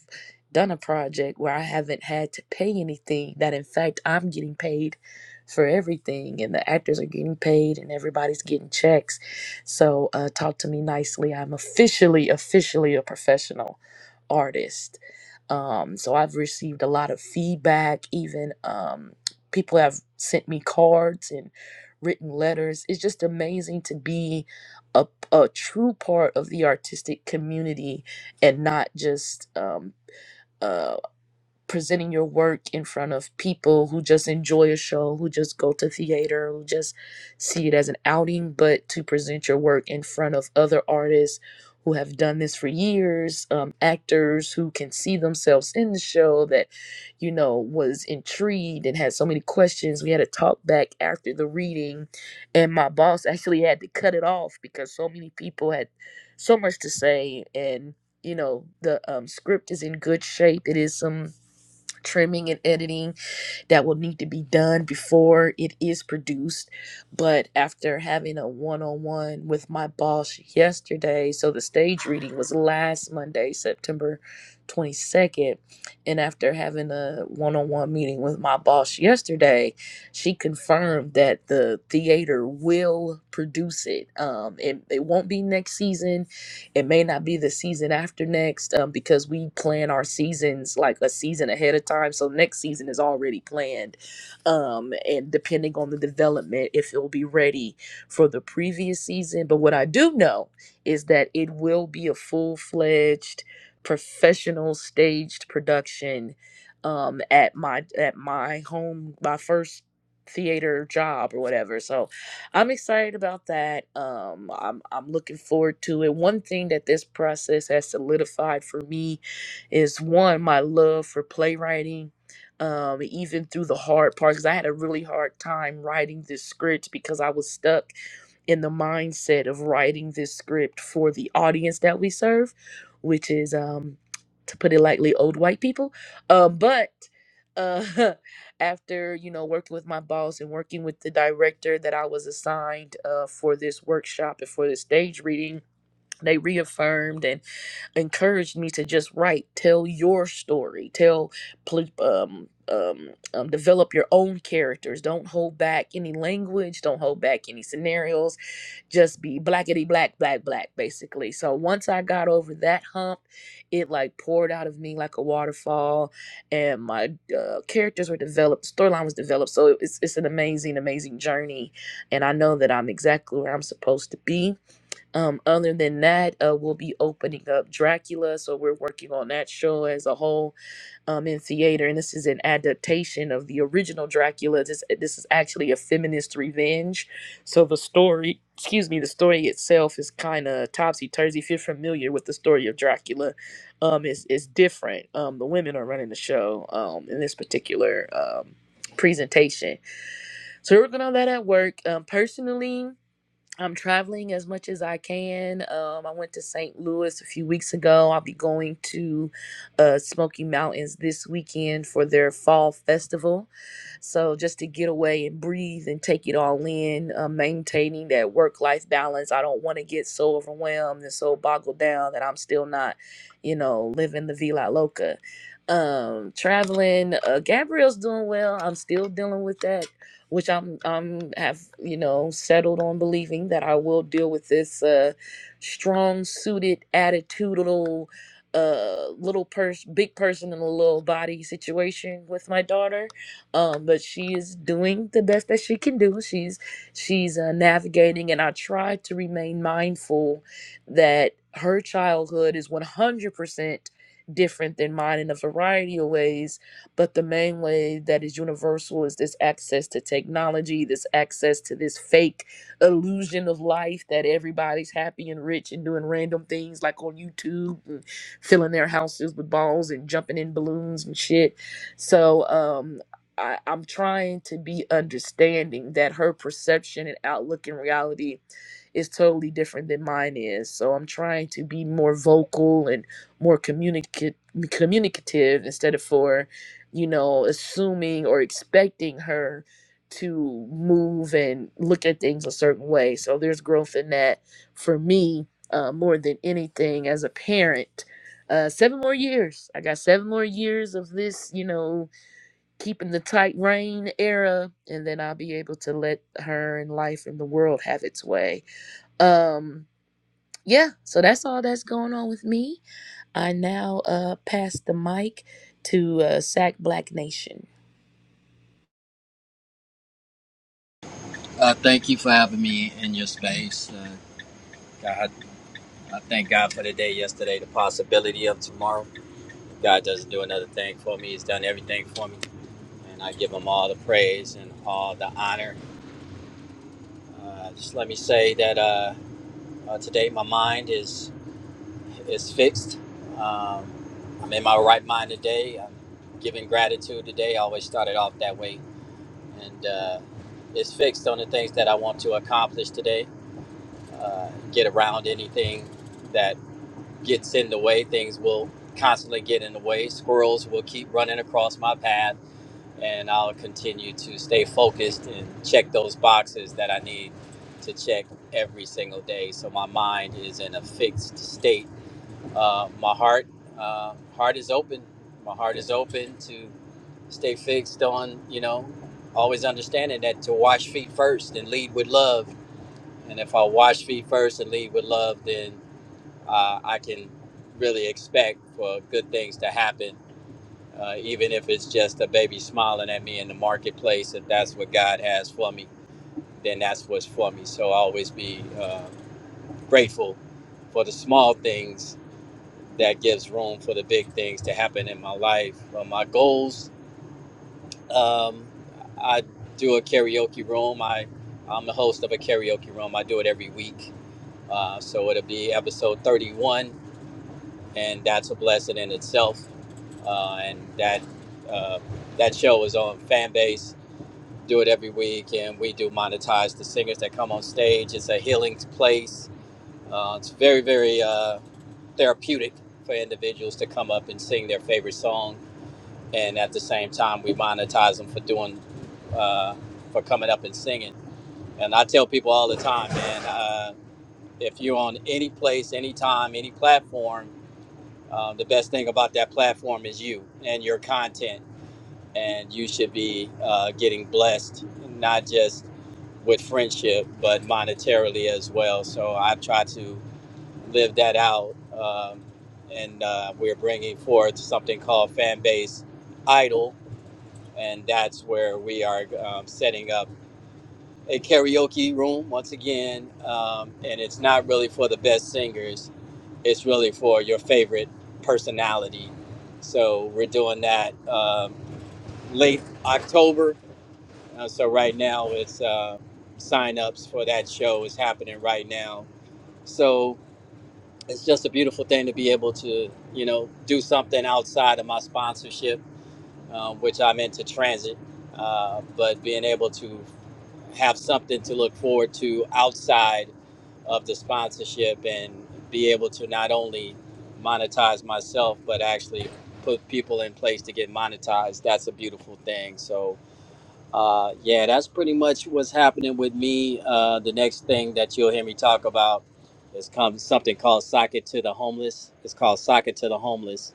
Speaker 7: done a project where I haven't had to pay anything, that in fact I'm getting paid for everything and the actors are getting paid and everybody's getting checks. So uh, talk to me nicely. I'm officially, officially a professional artist. Um, so I've received a lot of feedback, even um, people have sent me cards and written letters. It's just amazing to be a, a true part of the artistic community and not just um, uh presenting your work in front of people who just enjoy a show, who just go to theater, who just see it as an outing, but to present your work in front of other artists who have done this for years, um, actors who can see themselves in the show that, you know, was intrigued and had so many questions. We had a talk back after the reading, and my boss actually had to cut it off because so many people had so much to say and you know the um, script is in good shape it is some trimming and editing that will need to be done before it is produced. But after having a one on one with my boss yesterday, so the stage reading was last Monday, September 22nd. And after having a one on one meeting with my boss yesterday, she confirmed that the theater will produce it. Um, it, it won't be next season it may not be the season after next um, because we plan our seasons like a season ahead of time. So next season is already planned. Um, and depending on the development, if it will be ready for the previous season. But what I do know is that it will be a full fledged professional staged production um, at my at my home, my first theater job or whatever. So I'm excited about that. Um, I'm I'm looking forward to it. One thing that this process has solidified for me is one my love for playwriting. Um, even through the hard parts, 'cause I had a really hard time writing this script because I was stuck in the mindset of writing this script for the audience that we serve, which is um, to put it lightly, old white people. Um, but uh, after you know working with my boss and working with the director that I was assigned uh, for this workshop and for this stage reading they reaffirmed and encouraged me to just write, tell your story, tell, pl- um, um, um, develop your own characters. Don't hold back any language. Don't hold back any scenarios. Just be blackety black, black, black, basically. So once I got over that hump, it like poured out of me like a waterfall, and my uh, characters were developed, storyline was developed. So it's it's an amazing, amazing journey, and I know that I'm exactly where I'm supposed to be um, other than that, uh, we'll be opening up Dracula, so we're working on that show as a whole um, in theater, and this is an adaptation of the original Dracula. This this is actually a feminist revenge, so the story, excuse me, the story itself is kind of topsy turvy. If you're familiar with the story of Dracula, um, it's it's different. Um, the women are running the show um, in this particular um, presentation. So we're working on that at work. Um, personally. I'm traveling as much as I can. Um, I went to St. Louis a few weeks ago. I'll be going to uh, Smoky Mountains this weekend for their fall festival. So, just to get away and breathe and take it all in, uh, maintaining that work life balance. I don't want to get so overwhelmed and so boggled down that I'm still not, you know, living the Vila Loca. Um, traveling, uh, Gabrielle's doing well. I'm still dealing with that which I'm I'm have you know settled on believing that I will deal with this uh, strong suited attitudinal uh, little person, big person in a little body situation with my daughter. Um, but she is doing the best that she can do. She's she's uh, navigating, and I try to remain mindful that her childhood is 100 percent different than mine in a variety of ways but the main way that is universal is this access to technology, this access to this fake illusion of life that everybody's happy and rich and doing random things like on YouTube and filling their houses with balls and jumping in balloons and shit. So um I, I'm trying to be understanding that her perception and outlook in reality is totally different than mine is. So I'm trying to be more vocal and more communicative communicative instead of for you know, assuming or expecting her to move and look at things a certain way. So there's growth in that for me uh, more than anything as a parent. Uh, seven more years. I got seven more years of this, you know, keeping the tight rein era, and then I'll be able to let her and life and the world have its way. Um, yeah, so that's all that's going on with me. I now uh, pass the mic to uh, Sack Black Nation.
Speaker 8: Uh, thank you for having me in your space. Uh, God, I thank God for the day yesterday, the possibility of tomorrow. God doesn't do another thing for me. He's done everything for me. And I give him all the praise and all the honor. Uh, just let me say that uh, uh, today my mind is is fixed. Um, I'm in my right mind today. I'm giving gratitude today. I always started off that way. And uh, it's fixed on the things that I want to accomplish today uh, get around anything that gets in the way. Things will constantly get in the way. Squirrels will keep running across my path, and I'll continue to stay focused and check those boxes that I need to check every single day. So my mind is in a fixed state. Uh, my heart, uh, heart is open. My heart is open to stay fixed on, you know, always understanding that to wash feet first and lead with love and if I wash feet first and lead with love, then uh, I can really expect for good things to happen, uh, even if it's just a baby smiling at me in the marketplace. If that's what God has for me, then that's what's for me. So I always be uh, grateful for the small things that gives room for the big things to happen in my life. For my goals, um, I do a karaoke room. I, I'm the host of a karaoke room. I do it every week Uh, so it'll be episode 31, and that's a blessing in itself. Uh, and that uh, that show is on Fanbase. Do it every week, and we do monetize the singers that come on stage. It's a healing place. Uh, it's very, very uh, therapeutic for individuals to come up and sing their favorite song, and at the same time, we monetize them for doing uh, for coming up and singing. And I tell people all the time, man. Uh, if you're on any place, any time, any platform, uh, the best thing about that platform is you and your content. And you should be uh, getting blessed, not just with friendship, but monetarily as well. So I try to live that out. Um, and uh, we're bringing forth something called Fanbase Idol. And that's where we are um, setting up a karaoke room once again, um, and it's not really for the best singers. It's really for your favorite personality. So we're doing that um, late October. Uh, so right now, it's uh, sign-ups for that show is happening right now. So it's just a beautiful thing to be able to, you know, do something outside of my sponsorship, um, which I'm into transit. Uh, but being able to have something to look forward to outside of the sponsorship and be able to not only monetize myself but actually put people in place to get monetized that's a beautiful thing so uh, yeah that's pretty much what's happening with me uh, the next thing that you'll hear me talk about is come something called socket to the homeless it's called socket to the homeless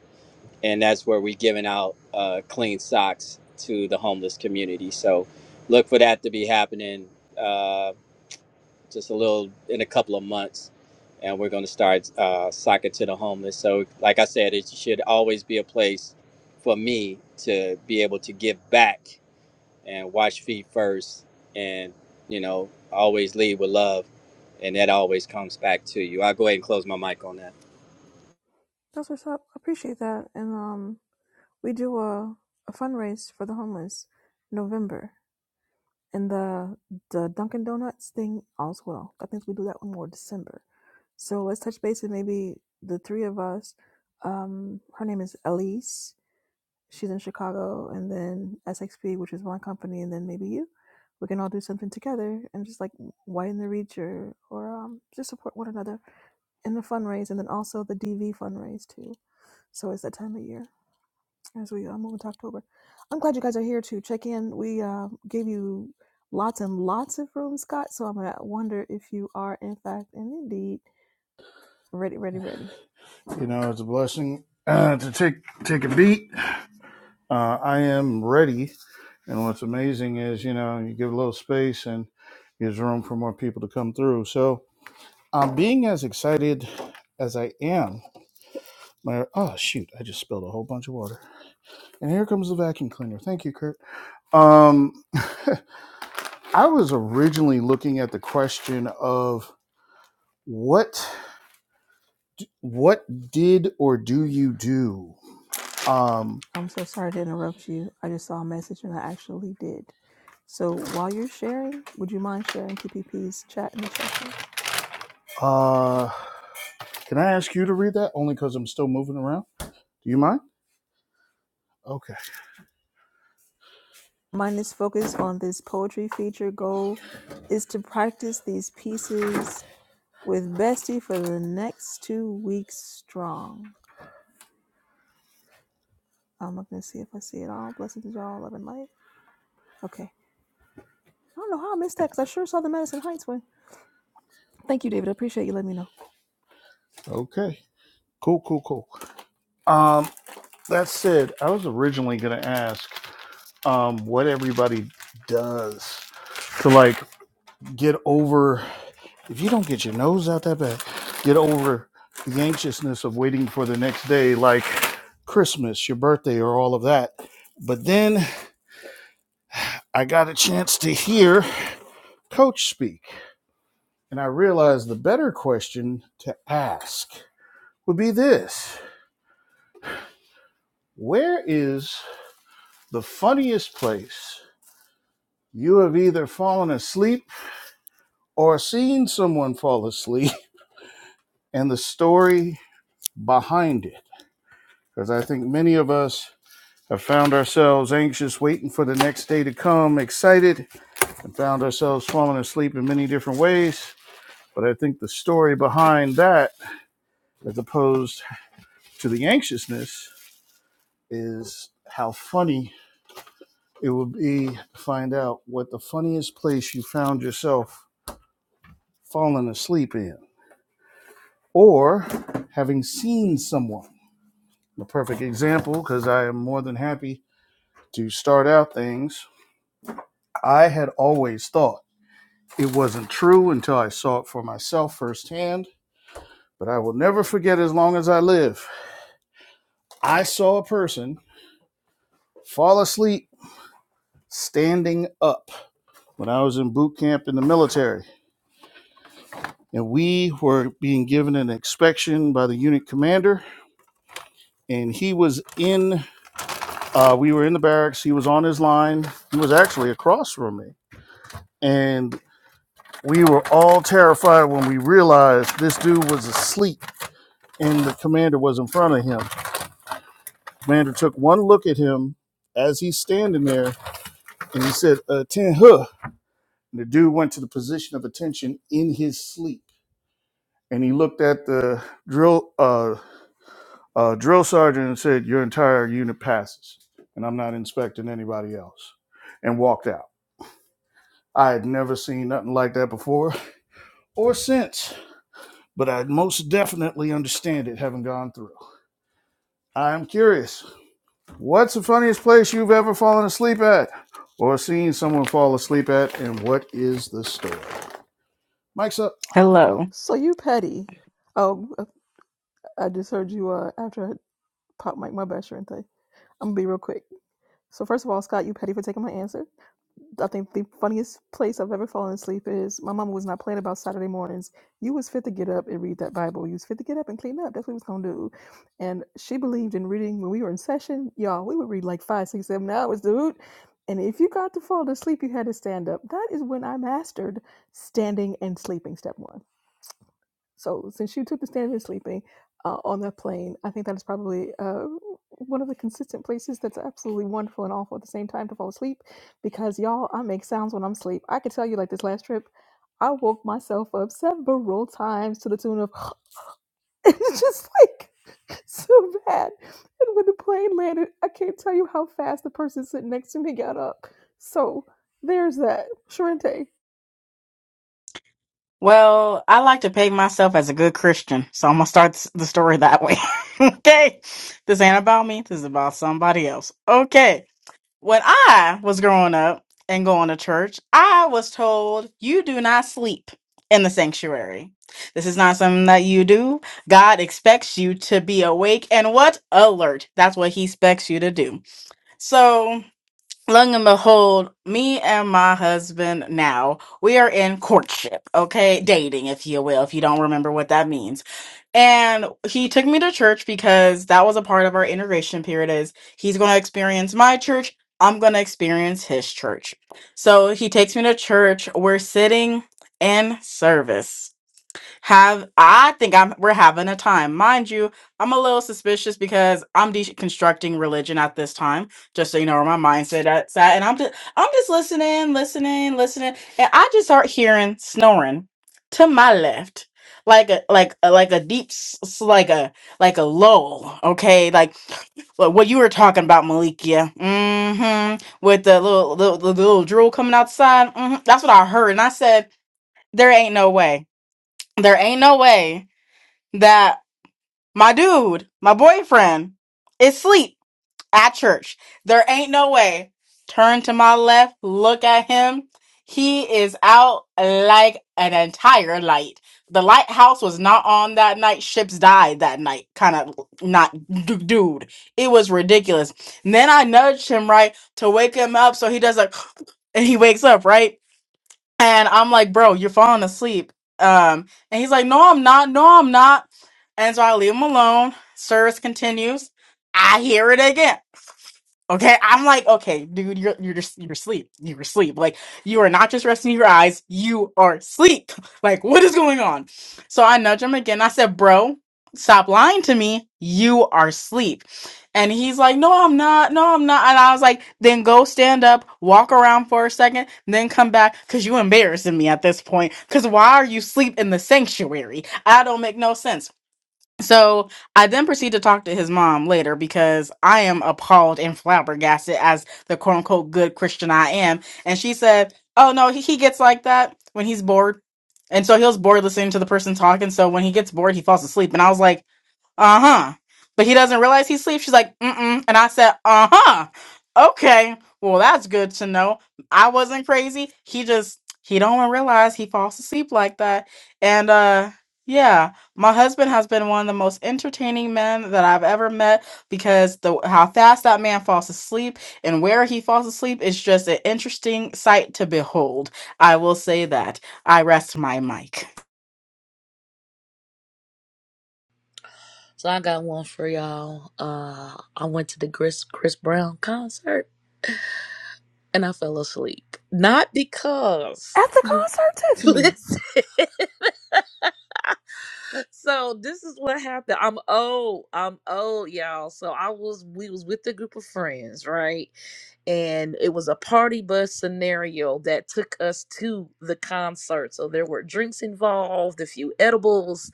Speaker 8: and that's where we're giving out uh, clean socks to the homeless community. So look for that to be happening uh, just a little in a couple of months, and we're going to start uh, sock to the homeless. So like I said, it should always be a place for me to be able to give back and wash feet first, and you know always lead with love, and that always comes back to you. I'll go ahead and close my mic on that.
Speaker 1: That's what's up. I appreciate that. And um, we do a, a fundraise for the homeless November. and the the Dunkin' Donuts thing also well. I think we do that one more December. So let's touch base with maybe the three of us. Um, her name is Elise. She's in Chicago, and then SXP, which is my company, and then maybe you. We can all do something together and just like widen the reach or, or um, just support one another in the fundraise and then also the DV fundraise too. So it's that time of year as we uh, move into October. I'm glad you guys are here to check in. We uh, gave you lots and lots of room, Scott. So I'm gonna wonder if you are in fact and indeed ready, ready, ready.
Speaker 2: You know it's a blessing uh, to take take a beat. Uh, I am ready, and what's amazing is you know you give a little space and gives room for more people to come through. So I'm being as excited as I am. My, oh shoot! I just spilled a whole bunch of water. And here comes the vacuum cleaner. Thank you, Kurt. Um, I was originally looking at the question of what what did or do you do? Um,
Speaker 1: I'm so sorry to interrupt you. I just saw a message and I actually did. So while you're sharing, would you mind sharing PPP's chat in the check-in?
Speaker 2: uh, can I ask you to read that? Only because I'm still moving around. Do you mind? Okay.
Speaker 1: Mine is focused on this poetry feature goal is to practice these pieces with Bestie for the next two weeks strong. I'm looking to see if I see it all. Blessings, y'all. Love and light. Okay. I don't know how I missed that because I sure saw the Madison Heights one. Thank you, David. I appreciate you letting me know.
Speaker 2: Okay. Cool. Cool. Cool. Um, that said, I was originally gonna ask um what everybody does to like get over. If you don't get your nose out that bag, get over the anxiousness of waiting for the next day, like Christmas, your birthday, or all of that. But then I got a chance to hear Coach speak, and I realized the better question to ask would be this Where is the funniest place you have either fallen asleep or seen someone fall asleep and the story behind it? Because I think many of us have found ourselves anxious, waiting for the next day to come, excited, and found ourselves falling asleep in many different ways. But I think the story behind that, as opposed to the anxiousness, is how funny it would be to find out what the funniest place you found yourself falling asleep in or having seen someone. A perfect example, because I am more than happy to start out things. I had always thought It wasn't true until I saw it for myself firsthand, but I will never forget as long as I live. I saw a person fall asleep standing up when I was in boot camp in the military. And we were being given an inspection by the unit commander, and he was in, uh, we were in the barracks, he was on his line, he was actually across from me. And we were all terrified when we realized this dude was asleep and the commander was in front of him Commander took one look at him as he's standing there and he said, Attend huh. the dude went to the position of attention in his sleep. And he looked at the drill uh, uh, drill sergeant and said, Your entire unit passes, and I'm not inspecting anybody else. And walked out. I had never seen nothing like that before or since, but I most definitely understand it having gone through. I'm curious. What's the funniest place you've ever fallen asleep at or seen someone fall asleep at, and what is the story? Mike's up.
Speaker 1: So you petty. Oh, uh, I just heard you uh, after I popped my, my best friend thing. I'm going to be real quick. So first of all, Scott, you petty for taking my answer. I think the funniest place I've ever fallen asleep is my mama was not playing about Saturday mornings. You was fit to get up and read that Bible. You was fit to get up and clean up. That's what we was gonna do. And she believed in reading when we were in session, y'all. We would read like five, six, seven hours, dude. And if you got to fall asleep, you had to stand up. That is when I mastered standing and sleeping. Step one. So since you took the stand against sleeping uh, on that plane, I think that is probably uh, one of the consistent places that's absolutely wonderful and awful at the same time to fall asleep. Because y'all, I make sounds when I'm asleep. I could tell you, like this last trip, I woke myself up several times to the tune of it's just like so bad. And when the plane landed, I can't tell you how fast the person sitting next to me got up. So there's that, Sharente.
Speaker 5: Well, I like to pay myself as a good Christian, so I'm gonna start s- the story that way. okay, this ain't about me. This is about somebody else. Okay, when I was growing up and going to church, I was told you do not sleep in the sanctuary. This is not something that you do. God expects you to be awake and what alert. That's what He expects you to do. So Long and behold, me and my husband now, we are in courtship, okay? Dating, if you will, if you don't remember what that means. And he took me to church because that was a part of our integration period is he's going to experience my church, I'm going to experience his church. So he takes me to church, we're sitting in service have I think I'm we're having a time. Mind you, I'm a little suspicious because I'm deconstructing religion at this time, just so you know where my mindset at at. And I'm just I'm just listening, listening, listening, and I just start hearing snoring to my left. Like a like a, like a deep s- s- like a like a lull, okay? Like well, what you were talking about, Malikia. Mm-hmm. With the little, little the little drool coming outside. Mm-hmm. That's what I heard. And I said, there ain't no way. There ain't no way that my dude, my boyfriend, is asleep at church. There ain't no way. Turn to my left, look at him. He is out like an entire light. The lighthouse was not on that night. Ships died that night. Kind of not, d- dude. It was ridiculous. And then I nudged him right to wake him up, so he does a, and he wakes up right. And I'm like, bro, you're falling asleep. Um, and he's like, no, I'm not. No, I'm not. And so I leave him alone. Service continues. I hear it again. Okay, I'm like, okay, dude, you're you're just you're asleep. You're asleep. Like you are not just resting your eyes. You are asleep. Like what is going on? So I nudge him again. I said, bro, stop lying to me. You are asleep. And he's like, no, I'm not. No, I'm not. And I was like, then go stand up, walk around for a second, then come back, cause you embarrassing me at this point. Cause why are you asleep in the sanctuary? I don't make no sense. So I then proceed to talk to his mom later because I am appalled and flabbergasted as the quote unquote good Christian I am. And she said, Oh no, he, he gets like that when he's bored. And so he was bored listening to the person talking. So when he gets bored, he falls asleep. And I was like, uh huh. But he doesn't realize he's asleep. She's like, mm mm. And I said, uh huh. Okay. Well, that's good to know. I wasn't crazy. He just, he don't realize he falls asleep like that. And, uh, yeah, my husband has been one of the most entertaining men that I've ever met because the how fast that man falls asleep and where he falls asleep is just an interesting sight to behold. I will say that. I rest my mic.
Speaker 7: So I got one for y'all. Uh, I went to the Chris Chris Brown concert and I fell asleep. Not because
Speaker 1: At the concert, Tiffany.
Speaker 7: listen. so this is what happened. I'm old. I'm old, y'all. So I was we was with a group of friends, right? And it was a party bus scenario that took us to the concert. So there were drinks involved, a few edibles,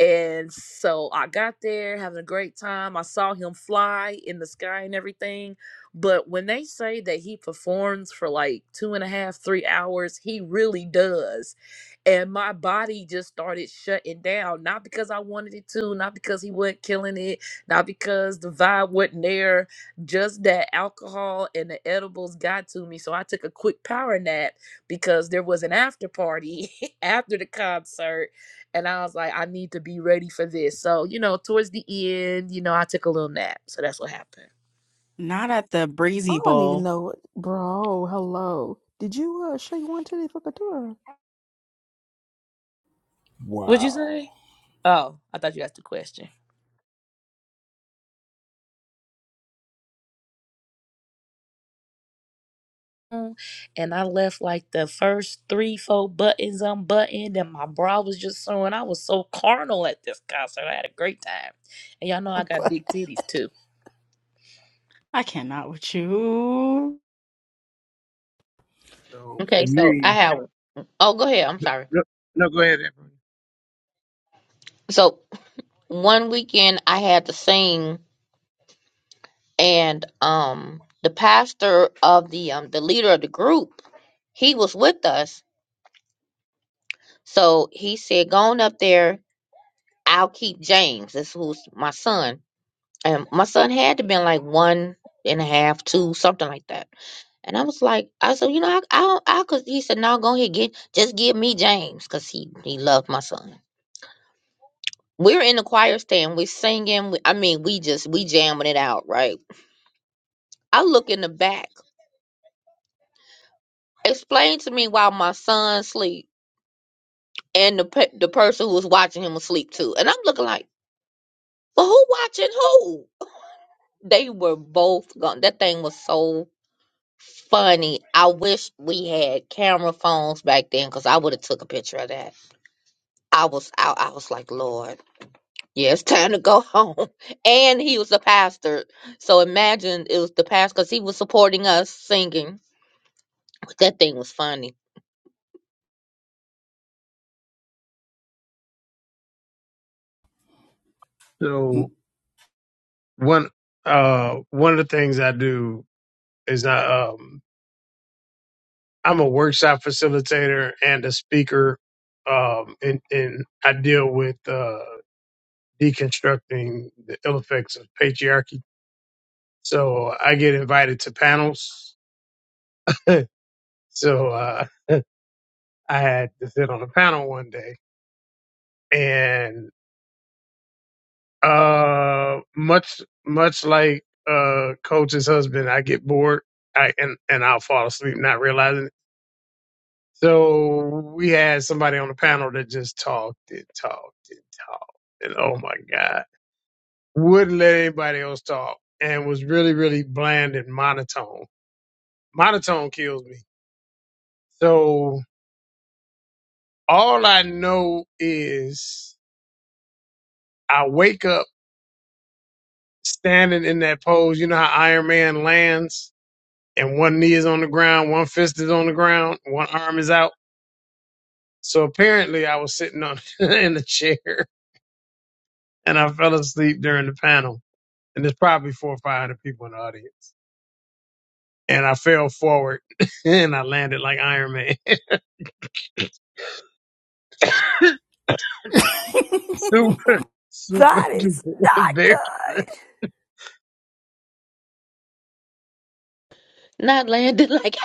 Speaker 7: and so I got there having a great time. I saw him fly in the sky and everything. But when they say that he performs for like two and a half, three hours, he really does and my body just started shutting down not because i wanted it to not because he wasn't killing it not because the vibe wasn't there just that alcohol and the edibles got to me so i took a quick power nap because there was an after party after the concert and i was like i need to be ready for this so you know towards the end you know i took a little nap so that's what happened
Speaker 5: Not at the breezy
Speaker 1: All I need to
Speaker 5: bowl.
Speaker 1: know, bro. Hello. Did you uh, show you one today for Katura?
Speaker 7: what'd you
Speaker 2: Wow.
Speaker 7: say oh i thought you asked a question and I left like the first three, four buttons unbuttoned, and my bra was just showing. I was so carnal at this concert. I had a great time, and y'all know I got big titties too.
Speaker 5: I cannot with you.
Speaker 4: So
Speaker 3: Okay,
Speaker 4: for
Speaker 3: so
Speaker 4: me,
Speaker 3: I have oh go ahead, I'm sorry.
Speaker 4: No, no, go ahead, Amber.
Speaker 3: So one weekend I had to sing and um the pastor of the um the leader of the group, he was with us. So he said, Going up there, I'll keep James. This who's my son. And my son had to been like one and a half, two, something like that. And I was like, I said, you know, I, I, I could. He said, no, go ahead, get, just give me James, cause he, he loved my son. We're in the choir stand, we're singing. We, I mean, we just we jamming it out, right? I look in the back. Explain to me why my son sleep and the pe- the person who was watching him was asleep too. And I'm looking like, well, who watching who? They were both gone. That thing was so funny. I wish we had camera phones back then, cause I would have took a picture of that. I was I I was like, Lord. Yeah, it's time to go home. And he was a pastor. So imagine it was the pastor because he was supporting us singing. That thing was funny.
Speaker 2: Mm,
Speaker 4: So one uh one of the things I do is I um I'm a workshop facilitator and a speaker um and, and I deal with uh deconstructing the ill effects of patriarchy. So I get invited to panels. so uh I had to sit on a panel one day Uh, much much like uh coach's husband, I get bored, I and and I'll fall asleep not realizing it. So we had somebody on the panel that just talked and talked and talked, and oh my god, wouldn't let anybody else talk, and was really really bland and monotone. Monotone kills me. So all I know is I wake up standing in that pose. You know how Iron Man lands and one knee is on the ground, one fist is on the ground, one arm is out. So apparently, I was sitting on in the chair and I fell asleep during the panel. And there's probably four or five hundred people in the audience. And I fell forward and I landed like Iron Man. super, super
Speaker 1: That is
Speaker 4: duper
Speaker 1: not
Speaker 4: embarrassing.
Speaker 1: good.
Speaker 3: Not landed like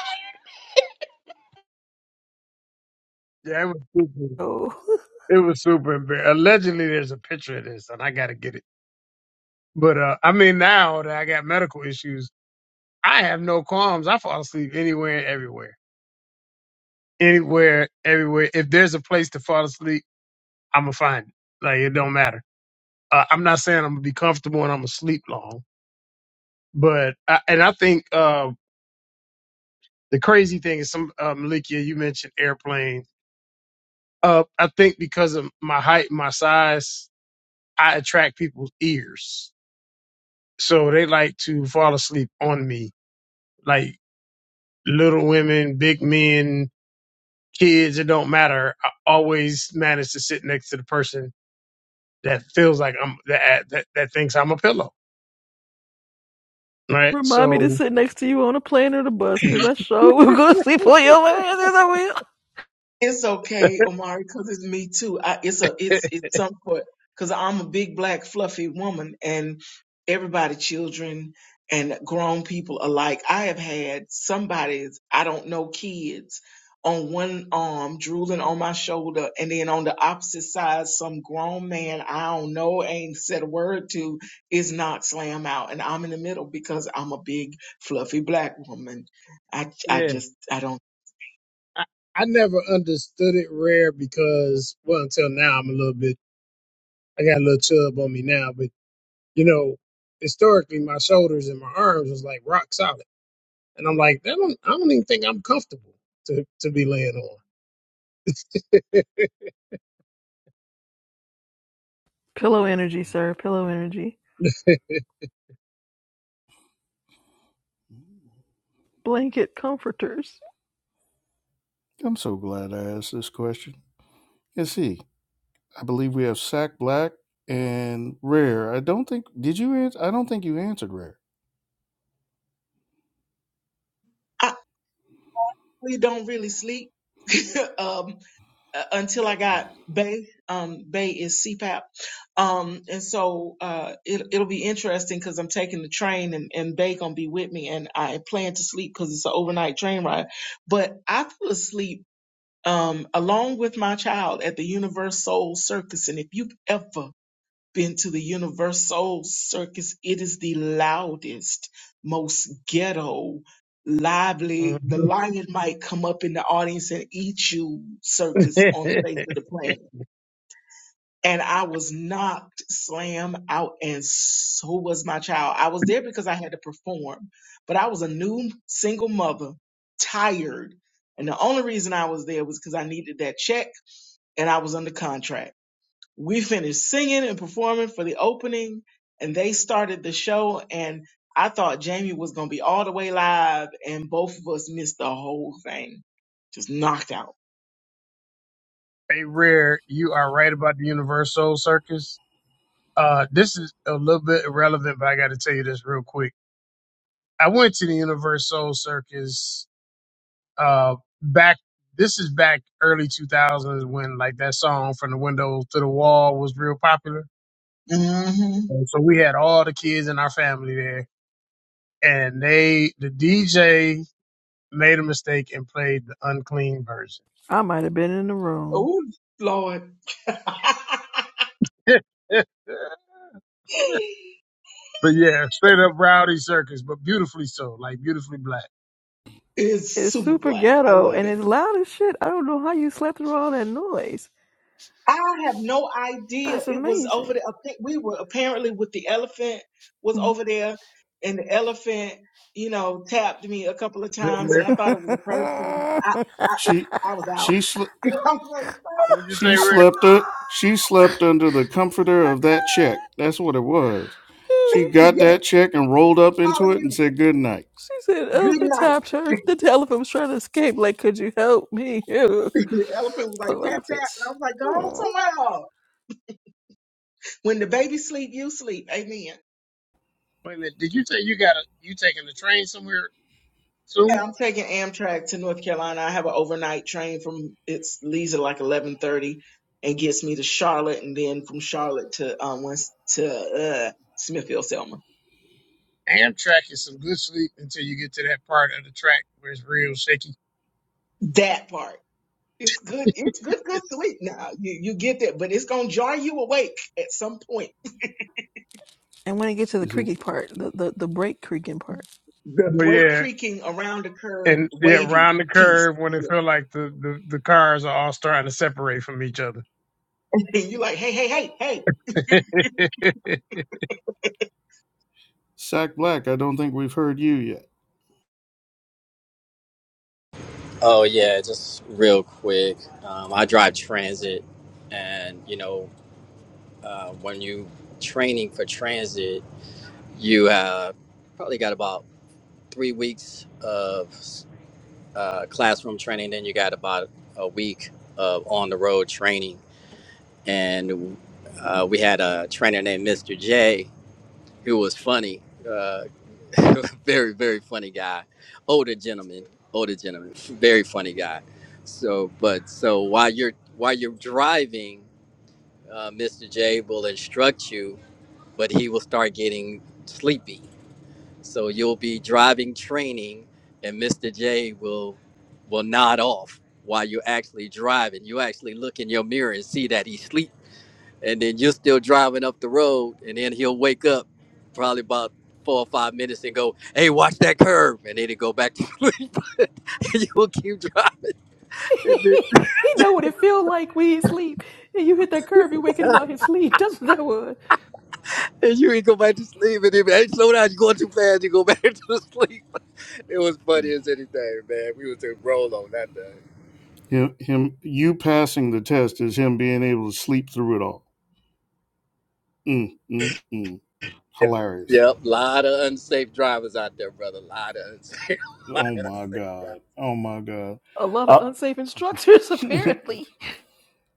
Speaker 4: Yeah, it was super.
Speaker 1: Oh,
Speaker 4: It was super embarrassing. Allegedly, there's a picture of this, and I got to get it. But uh, I mean, now that I got medical issues, I have no qualms. I fall asleep anywhere and everywhere. anywhere, everywhere. If there's a place to fall asleep, I'm gonna find it. Like it don't matter. Uh, I'm not saying I'm gonna be comfortable and I'm gonna sleep long, but I, and I think uh, the crazy thing is some uh, Malikia, you mentioned airplane. Uh, I think because of my height, my size, I attract people's ears, so they like to fall asleep on me. Like little women, big men, kids, it don't matter. I always manage to sit next to the person that feels like I'm that that, that thinks I'm a pillow, right?
Speaker 1: remind me to
Speaker 4: So
Speaker 1: sit next to you on a plane or the bus, cause I sure will go sleep on your ass. Yes, I will.
Speaker 6: It's okay, Omari, because it's me too. I, it's a it's it's somewhat because I'm a big black fluffy woman, and everybody, children and grown people alike. I have had somebody's I don't know kids on one arm drooling on my shoulder, and then on the opposite side, some grown man I don't know ain't said a word to is knocked slam out, and I'm in the middle because I'm a big fluffy black woman. I I
Speaker 4: yeah,
Speaker 6: just I don't.
Speaker 4: I, I never understood it rare because well until now I'm a little bit I got a little chub on me now, but you know historically my shoulders and my arms was like rock solid, and I'm like that don't, I don't even think I'm comfortable to to be laying on.
Speaker 1: Pillow energy, sir. Pillow energy. Blanket comforters.
Speaker 2: I'm so glad I asked this question. Let's see. I believe we have Sack Black and Rare. I don't think did you answer? I don't think you answered Rare.
Speaker 6: We don't really sleep um, uh, until I got Bay. Um, Bay is CPAP, um, and so uh, it, it'll be interesting because I'm taking the train and, and Bay gonna be with me, and I plan to sleep because it's an overnight train ride. But I fell asleep um, along with my child at the Universe Soul Circus, and if you've ever been to the Universal Circus, it is the loudest, most ghetto, lively. The
Speaker 4: Mhm.
Speaker 6: lion might come up in the audience and eat you circus
Speaker 4: hey,
Speaker 6: on the face of the planet. And I was knocked slam out, and so was my child. I was there because I had to perform, but I was a new single mother, tired. And the only reason I was there was because I needed that check and I was under contract we finished singing and performing for the opening and they started the show and I thought Jamie was going to be all the way live and both of us missed the whole thing. Just knocked out.
Speaker 4: Rare, you are right about the Universal Circus. Uh, this is a little bit irrelevant, but I got to tell you this real quick. I went to the Universal Circus uh back this is back early 2000s when like that song from the window to the wall was real popular.
Speaker 6: hmm
Speaker 4: And so we had all the kids in our family there and they the DJ made a mistake and played the unclean version.
Speaker 1: I might have been in the room.
Speaker 6: Oh Lord.
Speaker 4: but yeah, straight up rowdy circus, but beautifully so, like beautifully black.
Speaker 6: it's
Speaker 1: It's
Speaker 6: super
Speaker 1: super
Speaker 6: black. I
Speaker 1: ghetto
Speaker 6: love
Speaker 1: and
Speaker 6: it.
Speaker 1: it's loud as shit. I don't know how you slept through all that noise.
Speaker 6: I have no idea.
Speaker 1: That's
Speaker 6: It was
Speaker 1: amazing.
Speaker 6: over there. I think We were apparently with the elephant was
Speaker 1: Mm.
Speaker 6: over there, and the elephant, you know, tapped me a couple of
Speaker 4: Is that
Speaker 6: times, and I thought it was a person. I I, it,
Speaker 2: She
Speaker 6: I was out.
Speaker 2: she sl-
Speaker 6: I was like, stop.
Speaker 4: What'd you
Speaker 2: she
Speaker 4: say, Rare?
Speaker 2: slept u- she slept under the comforter of that check. That's what it was. She got
Speaker 6: Yes,
Speaker 2: that check and rolled up into it and
Speaker 6: hallelujah.
Speaker 2: said good night.
Speaker 1: She said,
Speaker 6: Good
Speaker 1: "Elephant
Speaker 6: night.
Speaker 1: tapped her. The elephant was trying to escape. Like, could you help me?" Ew.
Speaker 6: the elephant was like
Speaker 1: Poor
Speaker 6: tap tap, and
Speaker 1: elephants.
Speaker 6: I was like, go on
Speaker 1: Aw.
Speaker 6: somewhere. else. When the baby sleep, you sleep. Amen.
Speaker 4: Wait a minute. Did you say you got a you taking the train somewhere
Speaker 6: Hey,
Speaker 4: soon?
Speaker 6: I'm taking Amtrak to North Carolina. I have an overnight train from it's leaves at like 11:30 and gets me to Charlotte, and then from Charlotte to um West, to uh, Smithfield Selma.
Speaker 4: Amtrak is some good sleep until you get to that part of the track where it's real shaky.
Speaker 6: That part. It's good. It's good. Good sweet. Now you you get that, but it's gonna jar you awake at some point.
Speaker 1: And when it gets to the
Speaker 2: Is it?
Speaker 1: creaky part, the the, the brake creaking part,
Speaker 6: The
Speaker 4: But
Speaker 6: brake
Speaker 4: yeah,
Speaker 6: creaking around the curve,
Speaker 4: and yeah,
Speaker 6: wavy
Speaker 4: round the
Speaker 6: piece,
Speaker 4: curve when it feel like the, the, the cars are all starting to separate from each other.
Speaker 6: and you're like, hey, hey, hey, hey.
Speaker 2: Sack Black, I don't think we've heard you yet.
Speaker 8: Oh yeah, just real quick. Um, I drive transit, and you know, uh, when you training for transit, you have probably got about three weeks of uh, classroom training, then you got about a week of on the road training, and uh, we had a trainer named Mr. J. who was funny, uh, very very funny guy, older gentleman, older gentleman, very funny guy. So, but so while you're while you're driving, uh, Mr. J will instruct you, but he will start getting sleepy. So you'll be driving training, and Mr. J will will nod off while you're actually driving. You actually look in your mirror and see that he's sleep and then you're still driving up the road, and then he'll wake up probably about four or five minutes and go, "Hey, watch that curve," and then he go back to sleep. and you'll keep driving, and, then,
Speaker 1: he know what it feel like when he sleep. And you hit that curve, you waking him out his sleep. That's what that was.
Speaker 8: and you will go back to sleep, and then hey, slow down, you're going too fast. You go back to sleep. It was funny as anything, man. We was in roll on that day.
Speaker 2: Him, him, you passing the test is him being able to sleep through it all. Mm, mm, mm. Hilarious.
Speaker 8: Yep, lot of unsafe drivers out there, brother. lot of unsafe, lot
Speaker 2: Oh
Speaker 8: of
Speaker 2: my
Speaker 8: unsafe drivers.
Speaker 2: god. Oh my god.
Speaker 1: A lot
Speaker 2: Uh,
Speaker 1: of unsafe instructors, apparently.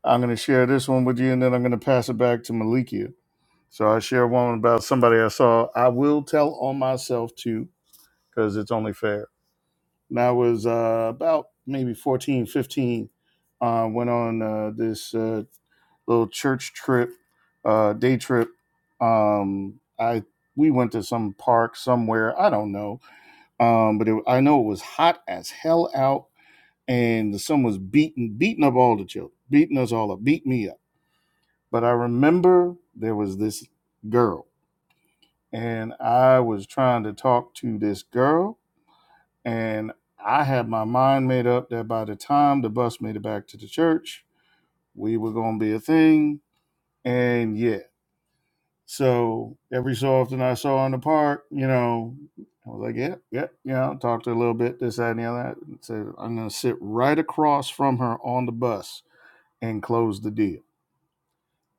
Speaker 2: I'm gonna share this one with you, and then I'm gonna pass it back to Malikia. So I share one about somebody I saw. I will tell on myself too, because it's only fair. And I was uh, about maybe 14, 15. Uh, went on uh, this uh, little church trip, uh, day trip. Um, I we went to some park somewhere. I don't know, um, but it, I know it was hot as hell out, and the sun was beating beating up all the children, beating us all up, beat me up. But I remember there was this girl, and I was trying to talk to this girl, and I had my mind made up that by the time the bus made it back to the church, we were going to be a thing. And yeah, so every so often I saw in the park, you know, I was like, yeah, yeah, you know, talked to her a little bit, this, that, and the other. And said, I'm going to sit right across from her on the bus and close the deal.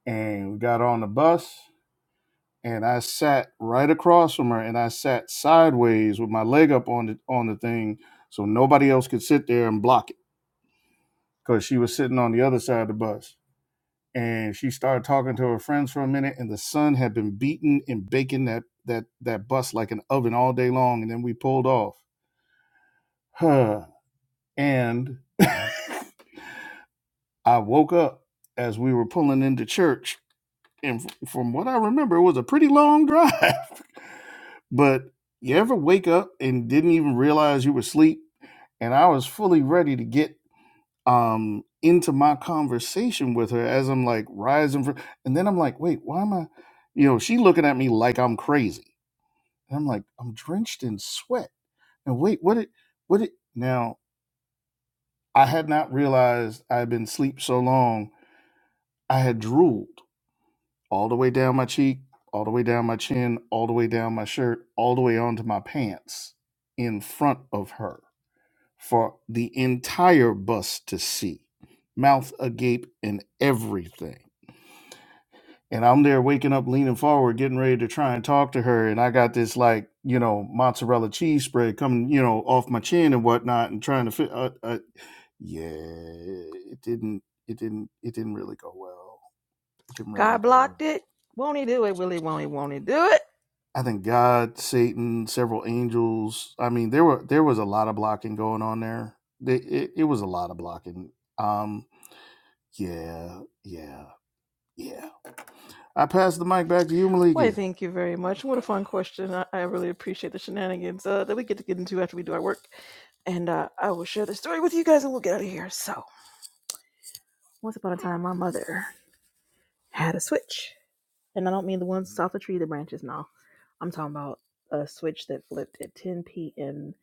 Speaker 2: And we got on the bus and I sat right across from her and I sat sideways with my leg up on the, on the thing so nobody else could sit there and block it because she was sitting on the other side of the bus and she started talking to her friends for a minute and the sun had been beating and baking that that that bus like an oven all day long and then we pulled off huh and i woke up as we were pulling into church and f- from what i remember it was a pretty long drive but you ever wake up and didn't even realize you were asleep and i was fully ready to get um into my conversation with her as I'm like rising from and then I'm like, wait, why am I you know, she looking at me like I'm crazy. And I'm like, I'm drenched in sweat. And wait, what it what it now I had not realized I had been asleep so long, I had drooled all the way down my cheek, all the way down my chin, all the way down my shirt, all the way onto my pants in front of her for the entire bus to see, mouth agape and everything and I'm there waking up, leaning forward, getting ready to try and talk to her, and I got this like you know mozzarella cheese spread coming you know off my chin and whatnot, and trying to fit. Uh, uh, yeah, it didn't. It didn't. It didn't really go well. It didn't really
Speaker 1: God
Speaker 2: go
Speaker 1: blocked
Speaker 2: well.
Speaker 1: it. Won't he do it? Will he? Won't he? Won't he do it?
Speaker 2: I think God, Satan, several angels. I mean, there were there was a lot of blocking going on there. They, it, it was a lot of blocking. Um, yeah, yeah, yeah. I pass the mic back to you,
Speaker 1: Why,
Speaker 2: Malikia.
Speaker 1: thank you very much. What a fun question. I, I really appreciate the shenanigans uh, that we get to get into after we do our work. And uh, I will share the story with you guys and we'll get out of here. So, once upon a time, my mother had a switch. And I don't mean the ones off the tree, the branches, no. I'm talking about a switch that flipped at 10 p.m.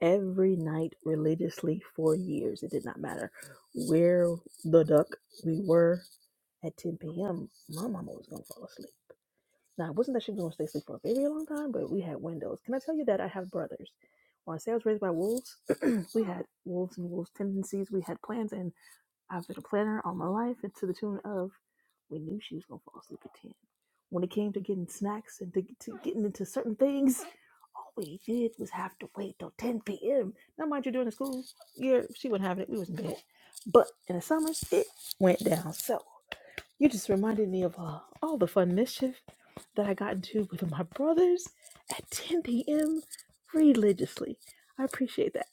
Speaker 1: every night religiously for years. It did not matter where the duck we were at 10 p.m., my mama was going to fall asleep. Now, it wasn't that she was going to stay asleep for a very long time, but we had windows. Can I tell you that I have brothers? When I say I was raised by wolves, we had wolves and wolves' tendencies. We had plans, and I've been a planner all my life, and to the tune of we knew she was going to fall asleep at 10. When it came to getting snacks and to, to getting into certain things, all we did was have to wait till 10 p.m. Now, mind you, during the school year, she wasn't having it. We was in bed. But in the summers, it went down. So. You just reminded me of uh, all the fun mischief that I got into with my brothers at 10 p.m. religiously. I appreciate that.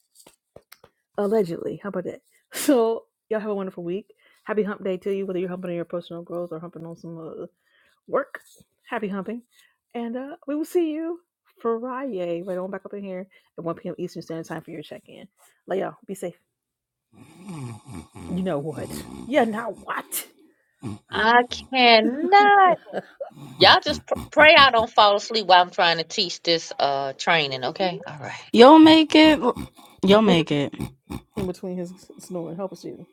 Speaker 1: Allegedly. How about that? So, y'all have a wonderful week. Happy hump day to you, whether you're humping on your personal growth or humping on some uh, work. Happy humping. And uh, we will see you Friday, right on back up in here at 1 p.m. Eastern Standard Time for your check in. Lay y'all. Be safe. You know what? Yeah, now what?
Speaker 3: I cannot. Y'all just pr- pray I don't fall asleep while I'm trying to teach this uh training,
Speaker 1: Hey, boo.
Speaker 3: okay? All right.
Speaker 5: You'll make it. You'll make it.
Speaker 1: In between his snoring. Help us, Jesus.